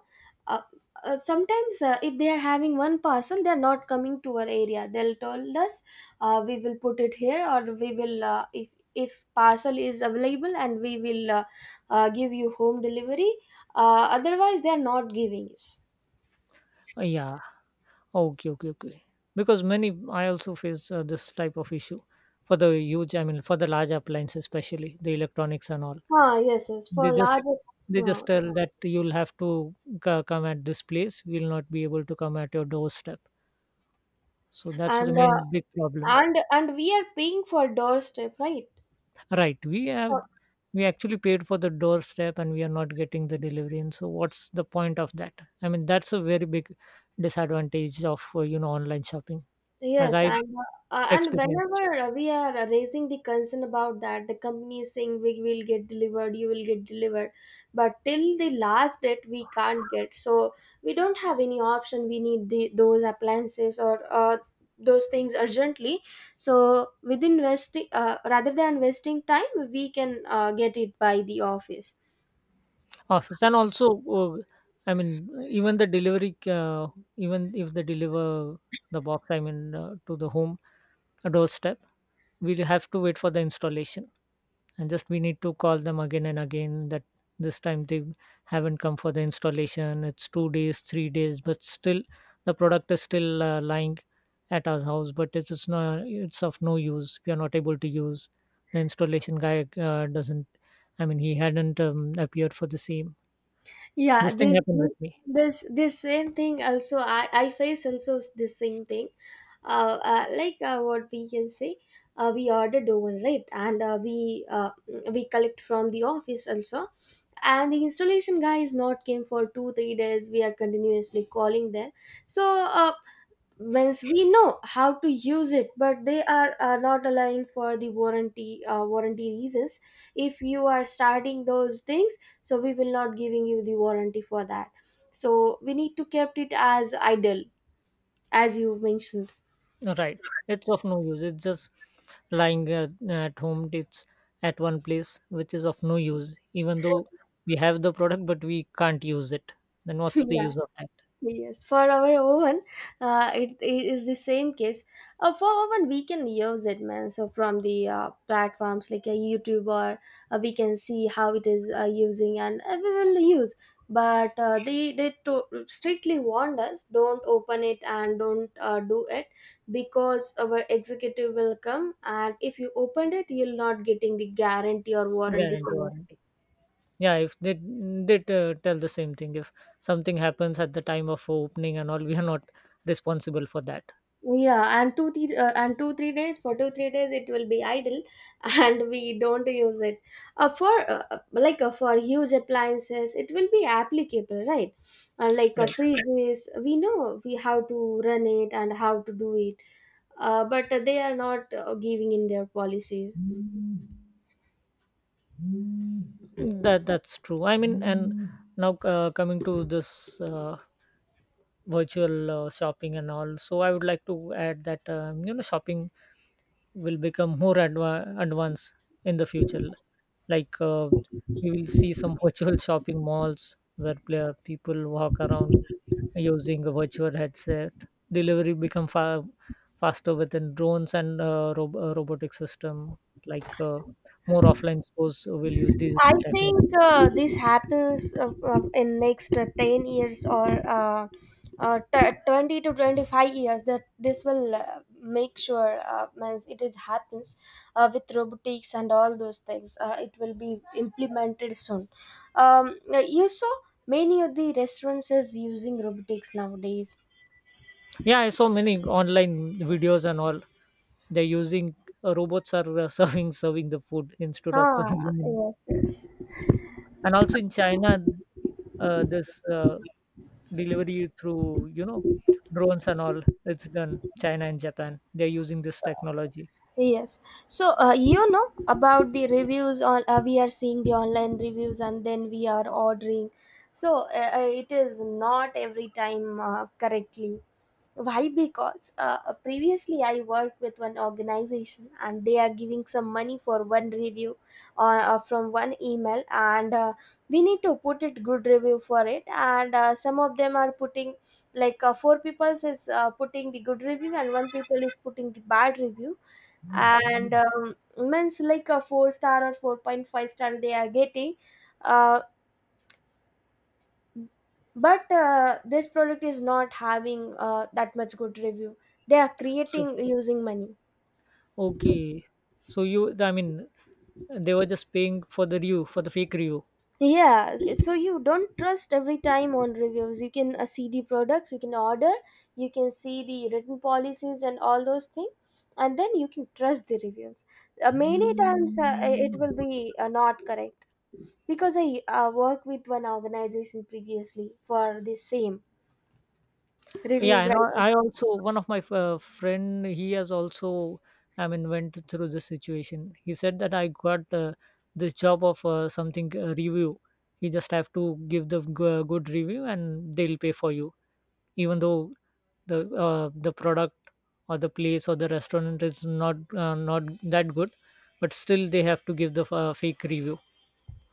S1: uh, uh, Sometimes uh, if they are having one parcel, they are not coming to our area, they'll told us, uh, we will put it here or we will uh, if if parcel is available and we will uh, uh, give you home delivery, uh, otherwise they are not giving us.
S2: uh, yeah. Okay, okay, okay. Because many I also face uh, this type of issue for the huge, I mean for the large appliances, especially the electronics and all.
S1: Ah, yes, yes, for
S2: They just,
S1: larger.
S2: they
S1: uh,
S2: just tell that you'll have to c- come at this place. We'll not be able to come at your doorstep. So that's the
S1: and uh,
S2: main big problem.
S1: and and we are paying for doorstep, right?
S2: Right. We
S1: So,
S2: have we actually paid for the doorstep and we are not getting the delivery. And so what's the point of that? I mean, that's a very big disadvantage of uh, you know online shopping as
S1: yes,
S2: I
S1: and uh, and
S2: experienced.
S1: whenever uh, we are uh, raising the concern about that, the company is saying we will get delivered, you will get delivered, but till the last date we can't get. So we don't have any option. We need the those appliances or uh, those things urgently. So within investing, uh, rather than wasting time, we can uh, get it by the office.
S2: Office. And also, uh, I mean, even the delivery, uh, even if they deliver the box, I mean, uh, to the home doorstep, we'll have to wait for the installation and just we need to call them again and again that this time they haven't come for the installation. It's two days, three days, but still the product is still uh, lying at our house, but it's, it's not, it's of no use, we are not able to use. The installation guy uh, doesn't, I mean he hadn't um, appeared for the same.
S1: Yeah,
S2: This thing
S1: this
S2: happened with me.
S1: this this same thing also i i face also, s- the same thing. Uh, uh like, uh, what we can say, uh, we ordered oven, right? And uh, we uh, we collect from the office also, and the installation guy is not came for two three days, we are continuously calling them. so uh, Means we know how to use it, but they are uh, not allowing for the warranty, uh, warranty reasons. If you are starting those things, so we will not giving you the warranty for that. So we need to kept it as idle, as you mentioned.
S2: Right. It's of no use. It's just lying uh, at home. It's at one place, which is of no use. Even though we have the product, but we can't use it. Then
S1: (laughs)
S2: what's the
S1: Yeah.
S2: use of that?
S1: Yes, for our oven, uh, it, it is the same case. Uh, for oven, we can use it, man. So from the uh, platforms like a YouTuber, uh, we can see how it is uh, using, and uh, we will use. But uh, they they to- strictly warned us, don't open it and don't uh, do it, because our executive will come, and if you opened it, you'll not getting the guarantee or warranty
S2: Guarantee
S1: for.
S2: warranty. Yeah, if they they uh, tell the same thing. If something happens at the time of opening and all, we are not responsible for that.
S1: Yeah, and two three uh, and two three days for two three days it will be idle, (laughs) and we don't use it. Uh, for uh, uh, Like, uh, for huge appliances, it will be applicable, right? Uh, like, uh,
S2: Right.
S1: fridges, we know we how to run it and how to do it. Uh, but uh, they are not uh, giving in their policies.
S2: That that's true. I mean, and now uh, coming to this uh, virtual uh, shopping and all. So I would like to add that um, you know shopping will become more adva- advanced in the future. Like uh, we will see some (laughs) virtual shopping malls where pla- people walk around using a virtual headset. Delivery become far faster within drones and uh, rob- uh, robotic system. Like uh, more offline stores will use
S1: I
S2: digital
S1: think
S2: technology.
S1: uh, this happens uh, uh, in next uh, ten years or uh, uh, t- twenty to twenty five years. That this will uh, make sure, uh, means it is happens uh, with robotics and all those things. Uh, it will be implemented soon. Um, uh, you saw many of the restaurants is using robotics nowadays.
S2: Yeah, I saw many online videos and all. They're using uh, robots are uh, (laughs) serving serving the food instead of the (laughs)
S1: Ah,
S2: human.
S1: yes, yes.
S2: And also in China, uh, this uh, delivery through, you know, drones and all, it's done. China and Japan, they're using this
S1: So,
S2: technology.
S1: yes. So, uh, you know about the reviews on, uh, we are seeing the online reviews and then we are ordering. So, uh, uh, it is not every time uh, correctly. Why? Because uh, previously I worked with one organization and they are giving some money for one review on, uh, from one email, and uh, we need to put it good review for it. And uh, some of them are putting like uh, four people is uh, putting the good review and one people is putting the bad review, and um, means like a four star or four point five star they are getting. uh, but uh, this product is not having uh, that much good review, they are
S2: O-
S1: creating using money.
S2: okay, so you, I mean they were just paying for the review, for the fake review.
S1: Yeah, s- so you don't trust every time on reviews, you can uh, see the products, you can order, you can see the written policies and all those things, and then you can trust the reviews. Uh, many times uh, it will be uh, not correct, because I uh, worked with one organization previously for the same
S2: Yeah,
S1: reviews
S2: and i
S1: writing.
S2: I also one of my uh, friend, he has also, I mean went through this situation. He said that I got uh, this job of uh, something uh, review. He just have to give the g- uh, good review and they'll pay for you. Even though the uh, the product or the place or the restaurant is not uh, not that good, but still they have to give the uh, fake review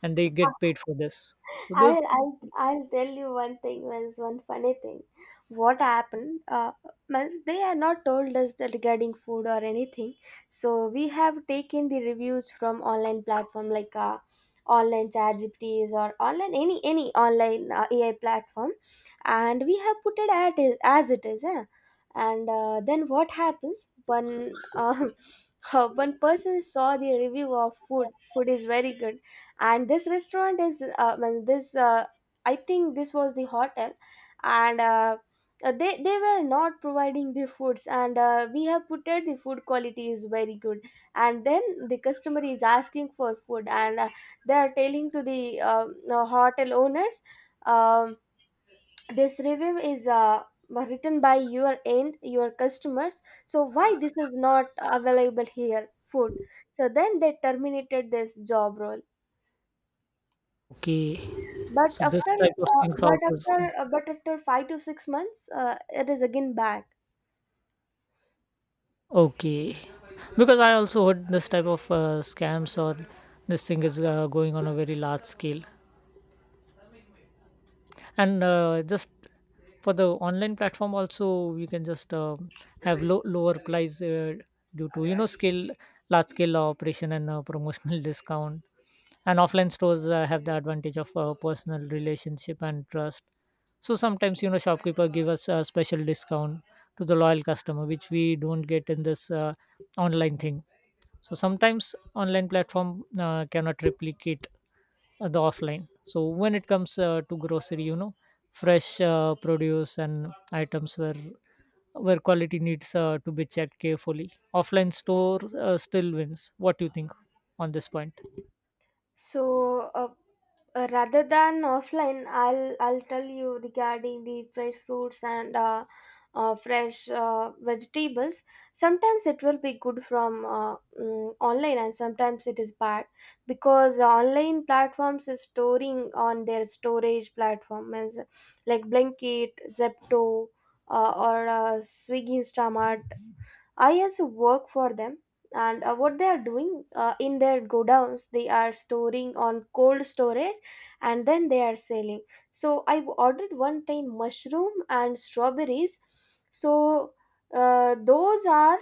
S2: and they get paid for this. So this.
S1: I'll, I'll, I'll tell you one thing, means one funny thing. What happened? Uh, means they are not told us that regarding food or anything. So we have taken the reviews from online platform like uh, online ChatGPTs or online any any online uh, A I platform, and we have put it at it, as it is. Eh? And uh, then what happens? One uh, (laughs) one person saw the review of food. Food is very good, and this restaurant is uh, well, this uh, I think this was the hotel, and uh, uh, they they were not providing the foods, and uh, we have put it the food quality is very good, and then the customer is asking for food, and uh, they are telling to the uh, uh, hotel owners, um, this review is uh, written by your end your customers, so why this is not available here food? So then they terminated this job role.
S2: Okay.
S1: but
S2: So this
S1: after
S2: type of
S1: uh,
S2: things
S1: but
S2: also is.
S1: after uh, but after five to six months uh, it is again back.
S2: Okay. Because I also heard this type of uh, scams or this thing is uh, going on a very large scale. And uh, just for the online platform also you can just um have low, lower price uh, due to, you know, scale, large scale operation and uh, promotional (laughs) discount. And offline stores uh, have the advantage of uh, personal relationship and trust. So sometimes, you know, shopkeeper give us a special discount to the loyal customer, which we don't get in this uh, online thing. So sometimes online platform uh, cannot replicate uh, the offline. So when it comes uh, to grocery, you know, fresh uh, produce and items where where quality needs uh, to be checked carefully, offline store uh, still wins. What do you think on this point?
S1: so uh, uh, Rather than offline, i'll i'll tell you regarding the fresh fruits and uh, uh, fresh uh, vegetables. Sometimes it will be good from uh, mm, online, and sometimes it is bad, because online platforms is storing on their storage platform is like Blinkit, Zepto, uh, or uh, Swiggy Instamart. I also work for them, and uh, what they are doing uh, in their godowns, they are storing on cold storage and then they are selling. So I ordered one time mushroom and strawberries. So uh, those are,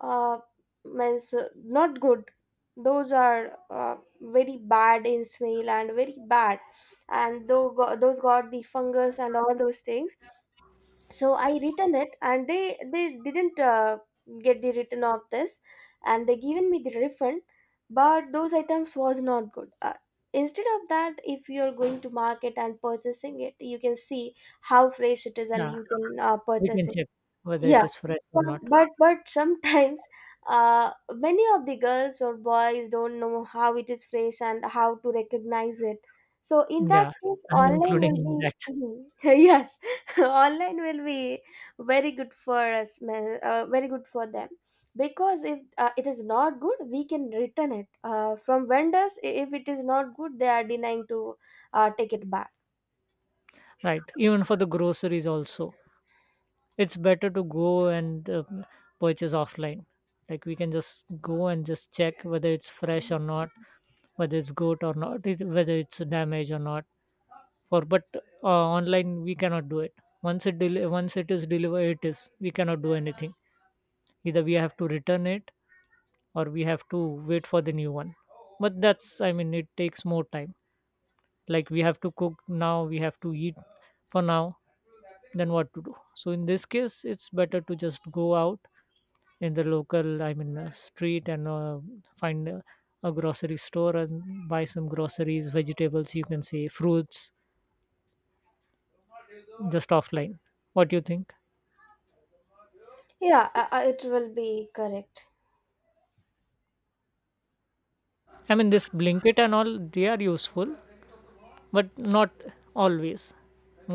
S1: uh, means uh, not good. Those are uh, very bad in smell and very bad, and though those got the fungus and all those things. So I written it, and they they didn't uh, get the return of this, and they given me the refund. But those items was not good. Uh, instead of that, if you're going to market and purchasing it, you can see how fresh it is and
S2: Yeah,
S1: you can uh,
S2: we
S1: purchase.
S2: can check whether
S1: Yeah,
S2: it is fresh or
S1: but
S2: not.
S1: but, but sometimes (laughs) uh, many of the girls or boys don't know how it is fresh and how to recognize it. So in that
S2: Yeah,
S1: case,
S2: (laughs) I'm
S1: online
S2: including
S1: will be.
S2: in that.
S1: Mhm. (laughs) Yes, (laughs) online will be very good for us, ma- uh, very good for them, because if uh, it is not good, we can return it uh, from vendors. i- If it is not good, they are denying to uh, take it back.
S2: Right, even for the groceries also it's better to go and uh, purchase offline. Like we can just go and just check whether it's fresh or not, whether it's good or not, it- whether it's damaged or not. For, but uh, online we cannot do it. Once it del- once it is delivered, it is, we cannot do anything. Either we have to return it or we have to wait for the new one. But that's, I mean it takes more time. Like we have to cook now, we have to eat for now, then what to do? So in this case it's better to just go out in the local, I mean uh, street and uh, find a, a grocery store and buy some groceries, vegetables, you can say fruits, just offline. What do you think?
S1: Yeah, uh, uh, it will be correct.
S2: I mean, this blinket and all, they are useful but not always.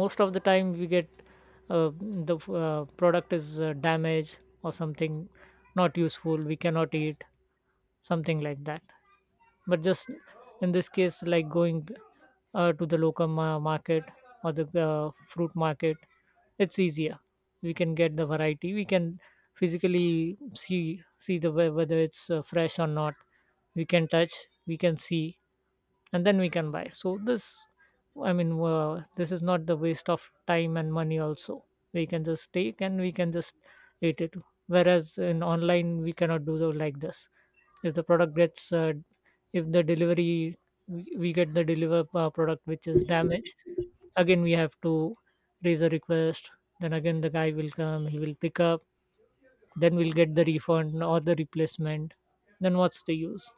S2: Most of the time we get uh, the uh, product is uh, damaged or something, not useful, we cannot eat, something like that. But just in this case, like going uh, to the local ma- market or the uh, fruit market, it's easier. We can get the variety, we can physically see see the whe- whether it's uh, fresh or not. We can touch, we can see, and then we can buy. So this, I mean uh, this is not the waste of time and money also. We can just take and we can just eat it. Whereas in online we cannot do so, like this. If the product gets uh, if the delivery, we we get the deliver uh, product which is damaged, again we have to raise a request, then again the guy will come, he will pick up, then we'll get the refund or the replacement. Then what's the use?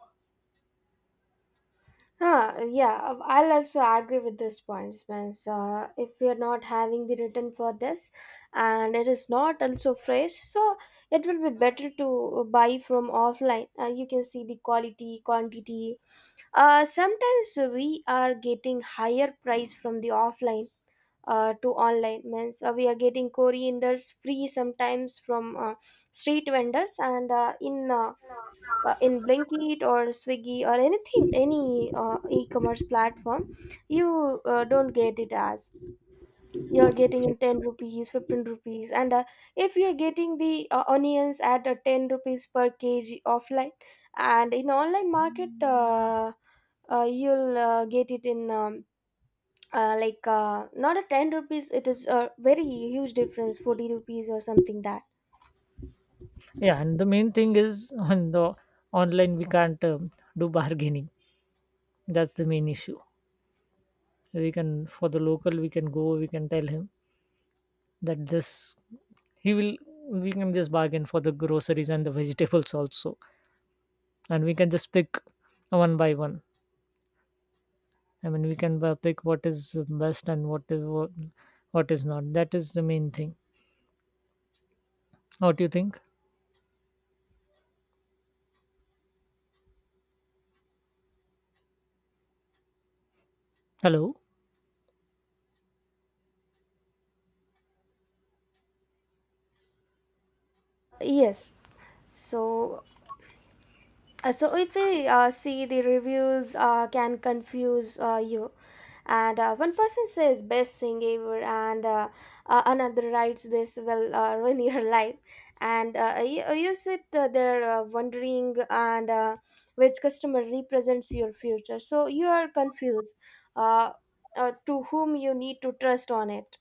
S1: Huh, yeah, uh, I'll also agree with this point, Spence. Uh, if we are not having the written for this and it is not also fresh, so it will be better to buy from offline. Uh, you can see the quality, quantity. Uh, sometimes we are getting higher price from the offline uh, to online. Means uh, we are getting corianders free sometimes from uh, street vendors and uh, in uh, uh, in Blinkit or Swiggy or anything, any uh, e-commerce platform, you uh, don't get it as you're getting in ten rupees, fifteen rupees, and uh, if you're getting the uh, onions at uh, ten rupees per kg offline, and in online market, uh, uh, you'll uh, get it in. Um, uh, like, uh, not a ten rupees, it is a very huge difference, forty rupees or something that.
S2: Yeah, and the main thing is on the online we can't um, do bargaining. That's the main issue. We can for the local we can go. We can tell him that this he will. We can just bargain for the groceries and the vegetables also, and we can just pick one by one. I mean, we can uh, pick what is best and what is what, what is not. That is the main thing. What do you think? Hello,
S1: Yes, so Uh, So if we uh, see the reviews, uh, can confuse uh, you, and uh, one person says best thing ever, and uh, uh, another writes this will uh, (laughs) ruin your life, and uh, you, you sit uh, there uh, wondering, and uh, which customer represents your future, so you are confused, uh, uh, to whom you need to trust on it.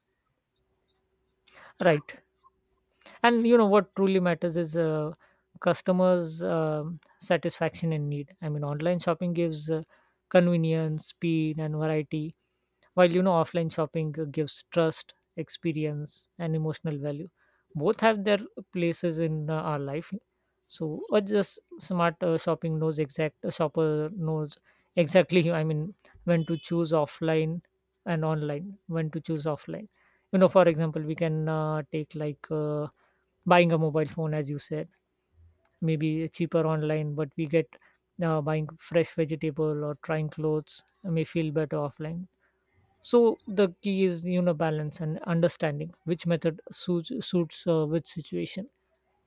S2: right? And you know what truly matters is uh, customers um satisfaction and need. I mean, online shopping gives uh, convenience, speed and variety, while you know offline shopping uh, gives trust, experience and emotional value. Both have their places in uh, our life. So or just smart uh, shopping knows exact, a shopper knows exactly. (laughs) I mean, when to choose offline and online, when to choose offline. You know for example, we can uh, take like uh, buying a mobile phone, as you said, maybe cheaper online, but we get uh, buying fresh vegetable or trying clothes uh, may feel better offline. So the key is, you know balance and understanding which method suits suits uh, which situation.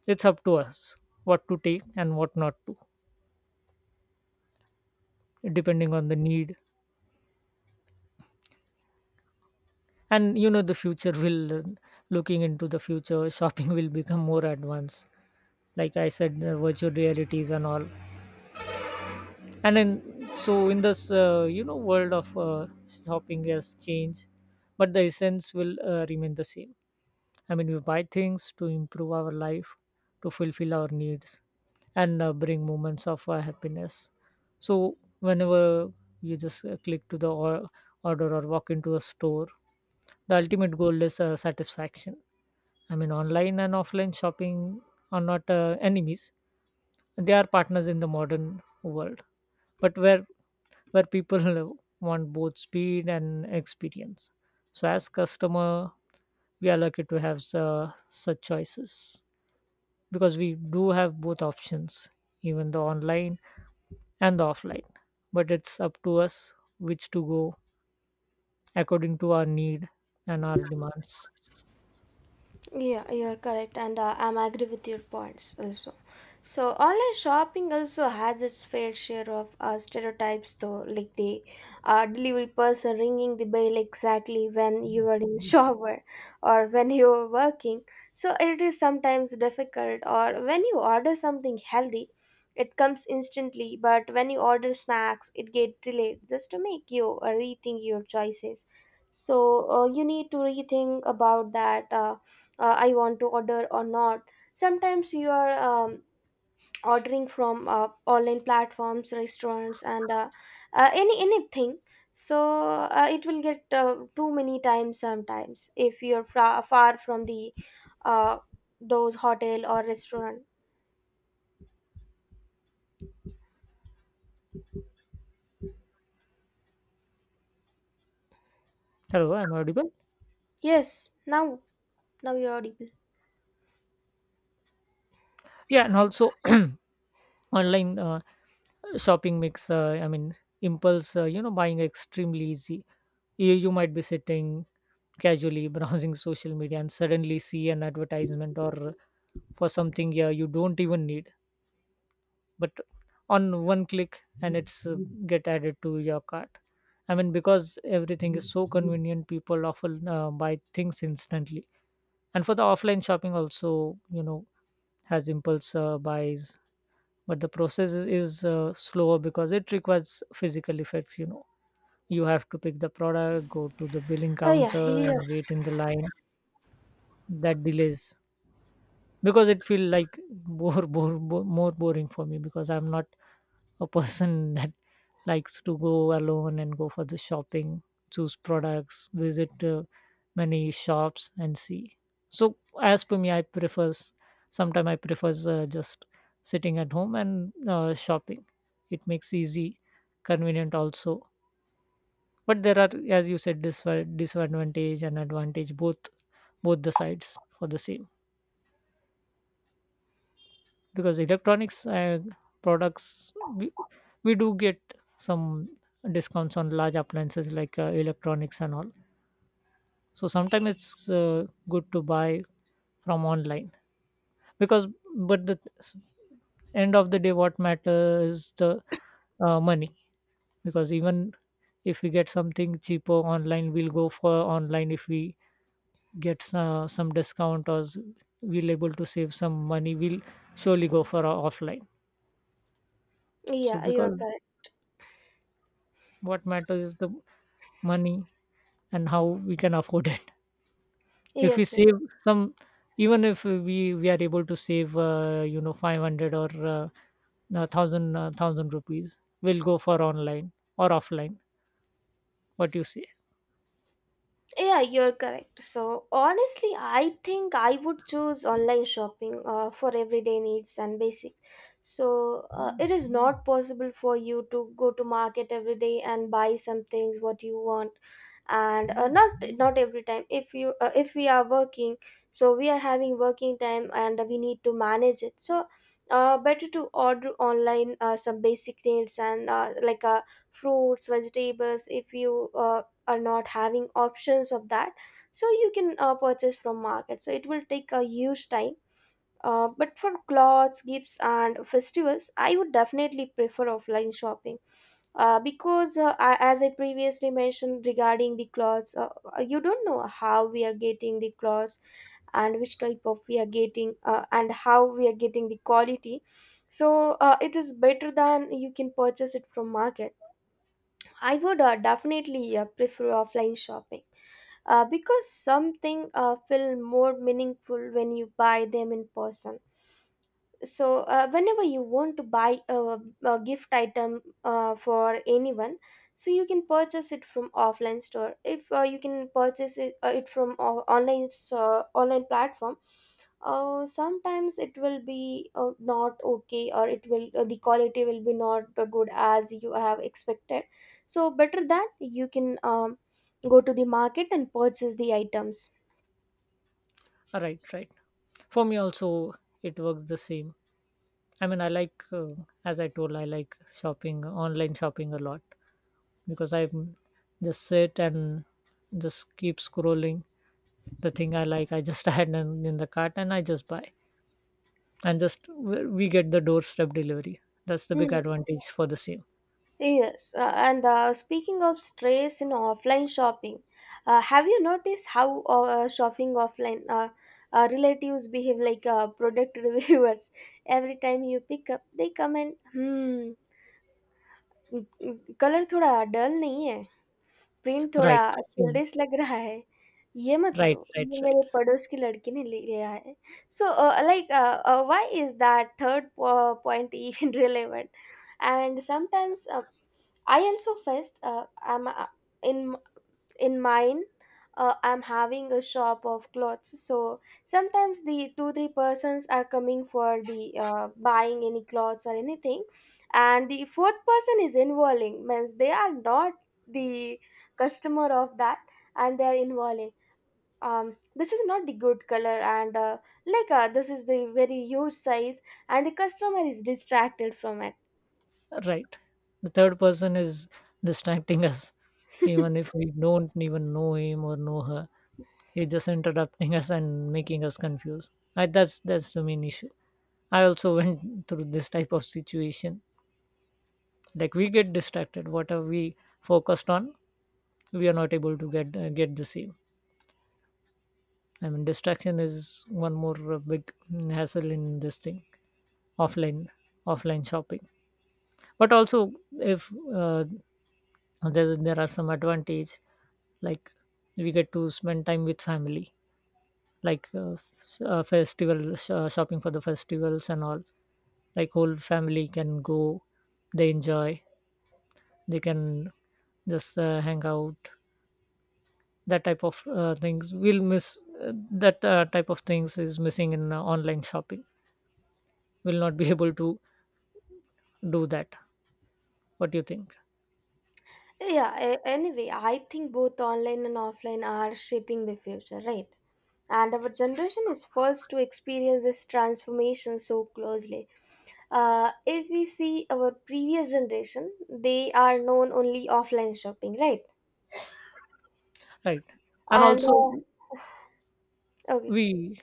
S2: It's up to us what to take and what not to, depending on the need. And you know the future will uh, looking into the future, (laughs) shopping will become more advanced, like I said, the virtual realities and all. And in, so in this uh, you know world of uh, shopping has changed, but the essence will uh, remain the same. I mean, we buy things to improve our life, to fulfill our needs and uh, bring moments of uh, happiness. So whenever you just uh, click to the or- order or walk into a store, the ultimate goal is uh, satisfaction. I mean, online and offline shopping are not uh, enemies. They are partners in the modern world, but where where people (laughs) want both speed and experience. So as customer, we are lucky to have su- such choices because we do have both options, even the online and the offline. But it's up to us which to go according to our need and our demands.
S1: Yeah, you're correct, and uh, I'm agree with your points also. So online shopping also has its fair share of uh, stereotypes, though, like the uh, delivery person ringing the bell exactly when you are in (laughs) shower or when you are working. So it is sometimes difficult. Or when you order something healthy, it comes instantly, but when you order snacks, it get delayed just to make you uh, rethink your choices. So uh, you need to rethink about that. Uh, uh, I want to order or not. Sometimes you are um, ordering from uh, online platforms restaurants, and uh, uh, any anything, so uh, it will get uh, too many times sometimes if you're fra- far from the uh, those hotel or restaurant.
S2: Hello, I'm audible.
S1: Yes, now, now you're audible.
S2: Yeah, and also (clears throat) online uh, shopping makes uh, I mean impulse uh, you know buying extremely easy. You, you might be sitting casually (laughs) browsing social media and suddenly see an advertisement or for something, yeah, you don't even need, but on one click and it's uh, get added to your cart. I mean, because everything is so convenient, people often uh, buy things instantly. And for the offline shopping also, you know has impulse uh, buys, but the process is, is uh, slower because it requires physical effects, you know you have to pick the product, go to the billing
S1: Oh, yeah,
S2: counter
S1: yeah.
S2: and wait in the line. That delays because it feel like more, more, more, more boring for me, because I'm not a person (laughs) that likes to go alone and go for the shopping, choose products, visit uh, many shops and see. So as per me, I prefers, sometimes I prefers uh, just sitting at home and uh, shopping. It makes easy, convenient also. But there are, as you said, disva- disadvantage and advantage, both both the sides for the same. Because electronics uh, products we, we do get some discounts on large appliances like uh, electronics and all. So sometimes it's uh, good to buy from online, because, but the s- end of the day what matters is the uh, money. Because even if we get something cheaper online, we'll go for online. If we get uh, some discount, or s- we'll able to save some money, we'll surely go for uh, offline. So
S1: Yeah, you're
S2: because
S1: correct.
S2: what matters is the money and how we can afford it. (laughs) If we
S1: Yes.
S2: save some, even if we we are able to save uh, you know five hundred or uh, no, thousand uh, thousand rupees, will go for online or offline, what you say?
S1: Yeah, you're correct. So, honestly, I think I would choose online shopping uh, for everyday needs and basic. So, uh, it is not possible for you to go to market every day and buy some things what you want, and uh, not not every time if you uh, if we are working, so we are having working time and we need to manage it. So uh, better to order online uh, some basic needs and uh, like uh, fruits vegetables if you uh, are not having options of that, so you can uh, purchase from market, so it will take a huge time. Uh, but for clothes gifts and festivals, I would definitely prefer offline shopping, uh, because uh, I, as I previously mentioned regarding the clothes, uh, uh, you don't know how we are getting the clothes and which type of we are getting, uh, and how we are getting the quality, so uh, it is better than you can purchase it from market. I would uh, definitely uh, prefer offline shopping, uh, because something uh, feel more meaningful when you buy them in person. So uh, whenever you want to buy a, a gift item uh, for anyone, so you can purchase it from offline store. If uh, you can purchase it, uh, it from o- online uh, online platform, uh, sometimes it will be uh, not okay, or it will, uh, the quality will be not uh, good as you have expected. So better that you can um, go to the market and purchase the items.
S2: Right, right. For me also it works the same. I mean, I like uh, as I told, I like shopping, online shopping a lot, because I just sit and just keep scrolling. The thing I like, I just (laughs) add in, in the cart and I just buy, and just w- we get the doorstep delivery. That's the big
S1: Hmm.
S2: advantage for the same.
S1: Yes, uh, and uh, speaking of stress in offline shopping, uh, have you noticed how uh, shopping offline, uh, uh, relatives behave like uh, product (laughs) reviewers? Every time you pick up, they comment, hmm, colour थोड़ा dull नहीं है, print थोड़ा
S2: Right, same.
S1: चिल्ड्रेस लग रहा है, ये मत
S2: Right,
S1: लो
S2: right,
S1: ये
S2: right.
S1: मेरे पड़ोस की लड़की ने ले लिया है, so like why is that point even (laughs) relevant? And sometimes, sometimes I also faced, uh, I'm uh, in in mine. Uh, I'm having a shop of clothes, so sometimes the two three persons are coming for the uh, buying any clothes or anything, and the fourth person is involving means they are not the customer of that, and they are involving. Um, this is not the good color, and uh, like uh, this is the very huge size, and the customer is distracted from it.
S2: Right, the third person is distracting us,
S1: (laughs)
S2: even if we don't even know him or know her. He's just interrupting us and making us confused. I, that's that's the main issue. I also (laughs) went through this type of situation, like we get distracted what are we focused on, we are not able to get uh, get the same. I mean, distraction is one more uh, big hassle in this thing, offline, offline shopping. But also, if uh, there there are some advantage, like we get to spend time with family, like uh, s- uh, festival sh- uh, shopping for the festivals and all. Like whole family can go, they enjoy, they can just uh, hang out. That type of uh, things we'll miss, uh, that uh, type of things is missing in uh, online shopping. We'll not be (laughs) able to do that. What do you think?
S1: Yeah, a- anyway, I think both online and offline are shaping the future, right? And our generation is first to experience this transformation so closely. Uh, if we see our previous generation, they are known only offline shopping, right?
S2: Right, and
S1: And uh,
S2: also
S1: okay,
S2: We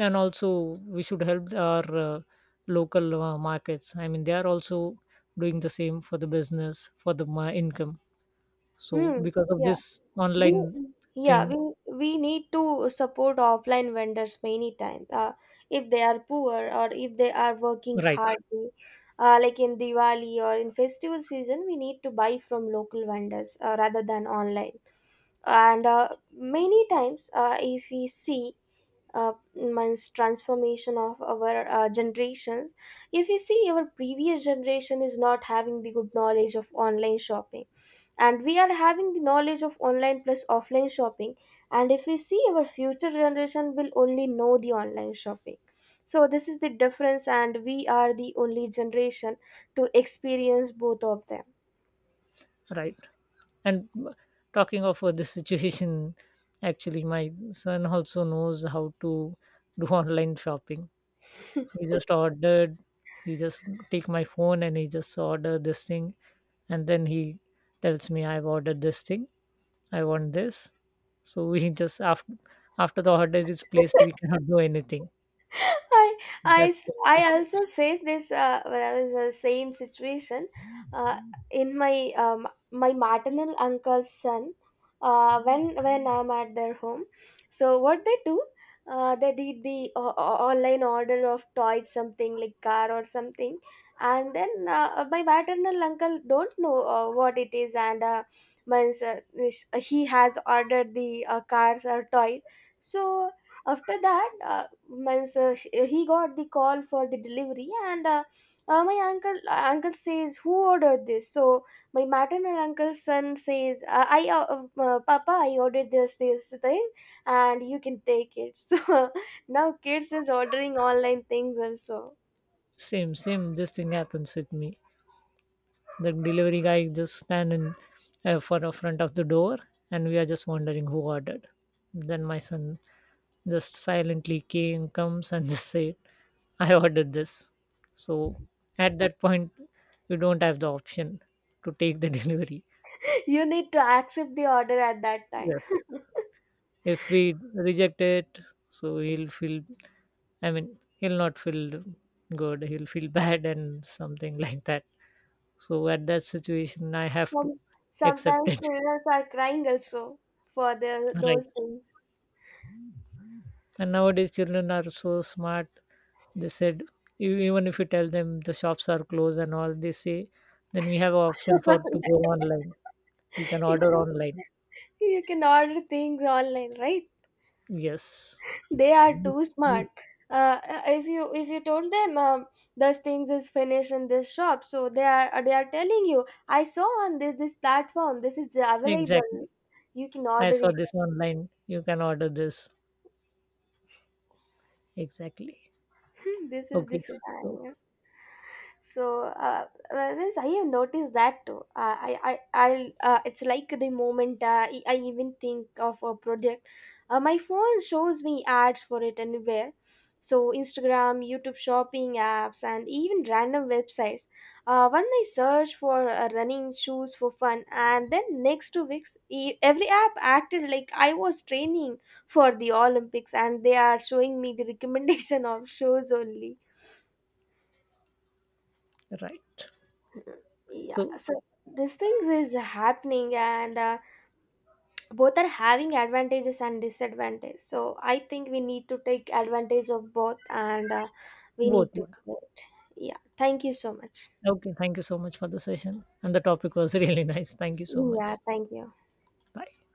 S2: and also we should help our uh, local uh, markets. I mean, they are also doing the same for the business, for the ma- income. So
S1: hmm,
S2: because of
S1: yeah,
S2: this
S1: we,
S2: online
S1: yeah,
S2: thing,
S1: we we need to support offline vendors many times, uh, if they are poor or if they are working
S2: right,
S1: hard, uh, like in diwali or in festival season we need to buy from local vendors uh, rather than online. And uh, many times, uh, if we see, uh, means transformation of our uh, generations. If you see our previous generation is not having the good knowledge of online shopping, and we are having the knowledge of online plus offline shopping, and if we see our future generation will only know the online shopping, so this is the difference, and we are the only generation to experience both of them.
S2: right. And uh, talking of uh, this situation, actually, my son also knows how to do online shopping. He just ordered. He just take my phone and he just order this thing, and then he tells me I've ordered this thing, I want this. So we (laughs) just after, after the order is placed, we cannot do anything.
S1: (laughs) I, I,
S2: That's
S1: s-
S2: the
S1: I
S2: issue.
S1: also said this uh, when I was in the same situation. Uh, in my um, my maternal uncle's son, uh, when when I'm at their home, so what they do, uh, they did the o- o- online order of toys, something like car or something, and then uh, my maternal uncle don't know uh, what it is, and uh, means, uh, he has ordered the uh, cars or toys. So after that, uh, means, uh, sh- uh, he got the call for the delivery, and uh, uh, my uncle, uh, uncle says who ordered this. So my maternal uncle's son says, uh, I uh, uh, "Papa, I ordered this this thing, and you can take it." (laughs) So now kids is ordering online things also.
S2: Same, same. This thing happens with me. The delivery guy just stand in uh, for the front of the door, and we are just wondering who ordered. Then my son just silently came comes and (laughs) just said, "I ordered this." So at that point, we don't have the option to take the (laughs) delivery.
S1: (laughs) You need to accept the order at that time.
S2: Yes. If we reject it, so he'll feel, I mean, he'll not feel good, he'll feel (laughs) bad, and something like that. So, at that situation, I have to
S1: Some,
S2: accept
S1: sometimes
S2: it.
S1: children are crying also for the
S2: (laughs) Right?
S1: those things.
S2: And nowadays, children are so smart. They said, e- even if you tell them the shops are closed and all, they say, then we have option for to
S1: (laughs)
S2: go online. We can
S1: You
S2: order
S1: can,
S2: online.
S1: you can order things online, right?
S2: Yes,
S1: They are too smart. Uh, if you if you told them, um, those things is finished in this shop, so they are, they are telling you, "I saw on this this platform this is available.
S2: exactly.
S1: You can
S2: I
S1: order
S2: saw
S1: it."
S2: this online. You can order this. Exactly.
S1: (laughs) This is,
S2: Okay,
S1: this is ah,
S2: so,
S1: yeah. So, uh, well, yes, I have noticed that too. Uh, I, I, I'll, uh, it's like the moment uh, I I even think of a project, uh, my phone shows me ads for it anywhere. So, Instagram, YouTube shopping apps, and even random websites. Uh, when I search for uh, running shoes for fun, and then next two weeks, e- every app acted like I was training for the Olympics, and they are showing me the recommendation of shows only.
S2: right.
S1: Yeah,
S2: So,
S1: so these things is happening, and uh, both are having advantages and disadvantages. So I think we need to take advantage of both, and uh, we
S2: both,
S1: need to
S2: yeah.
S1: do it. Yeah, thank you so much.
S2: Okay, thank you so much for the session. And the topic was (laughs) really nice. Thank you so
S1: Yeah,
S2: much.
S1: thank you.
S2: Bye.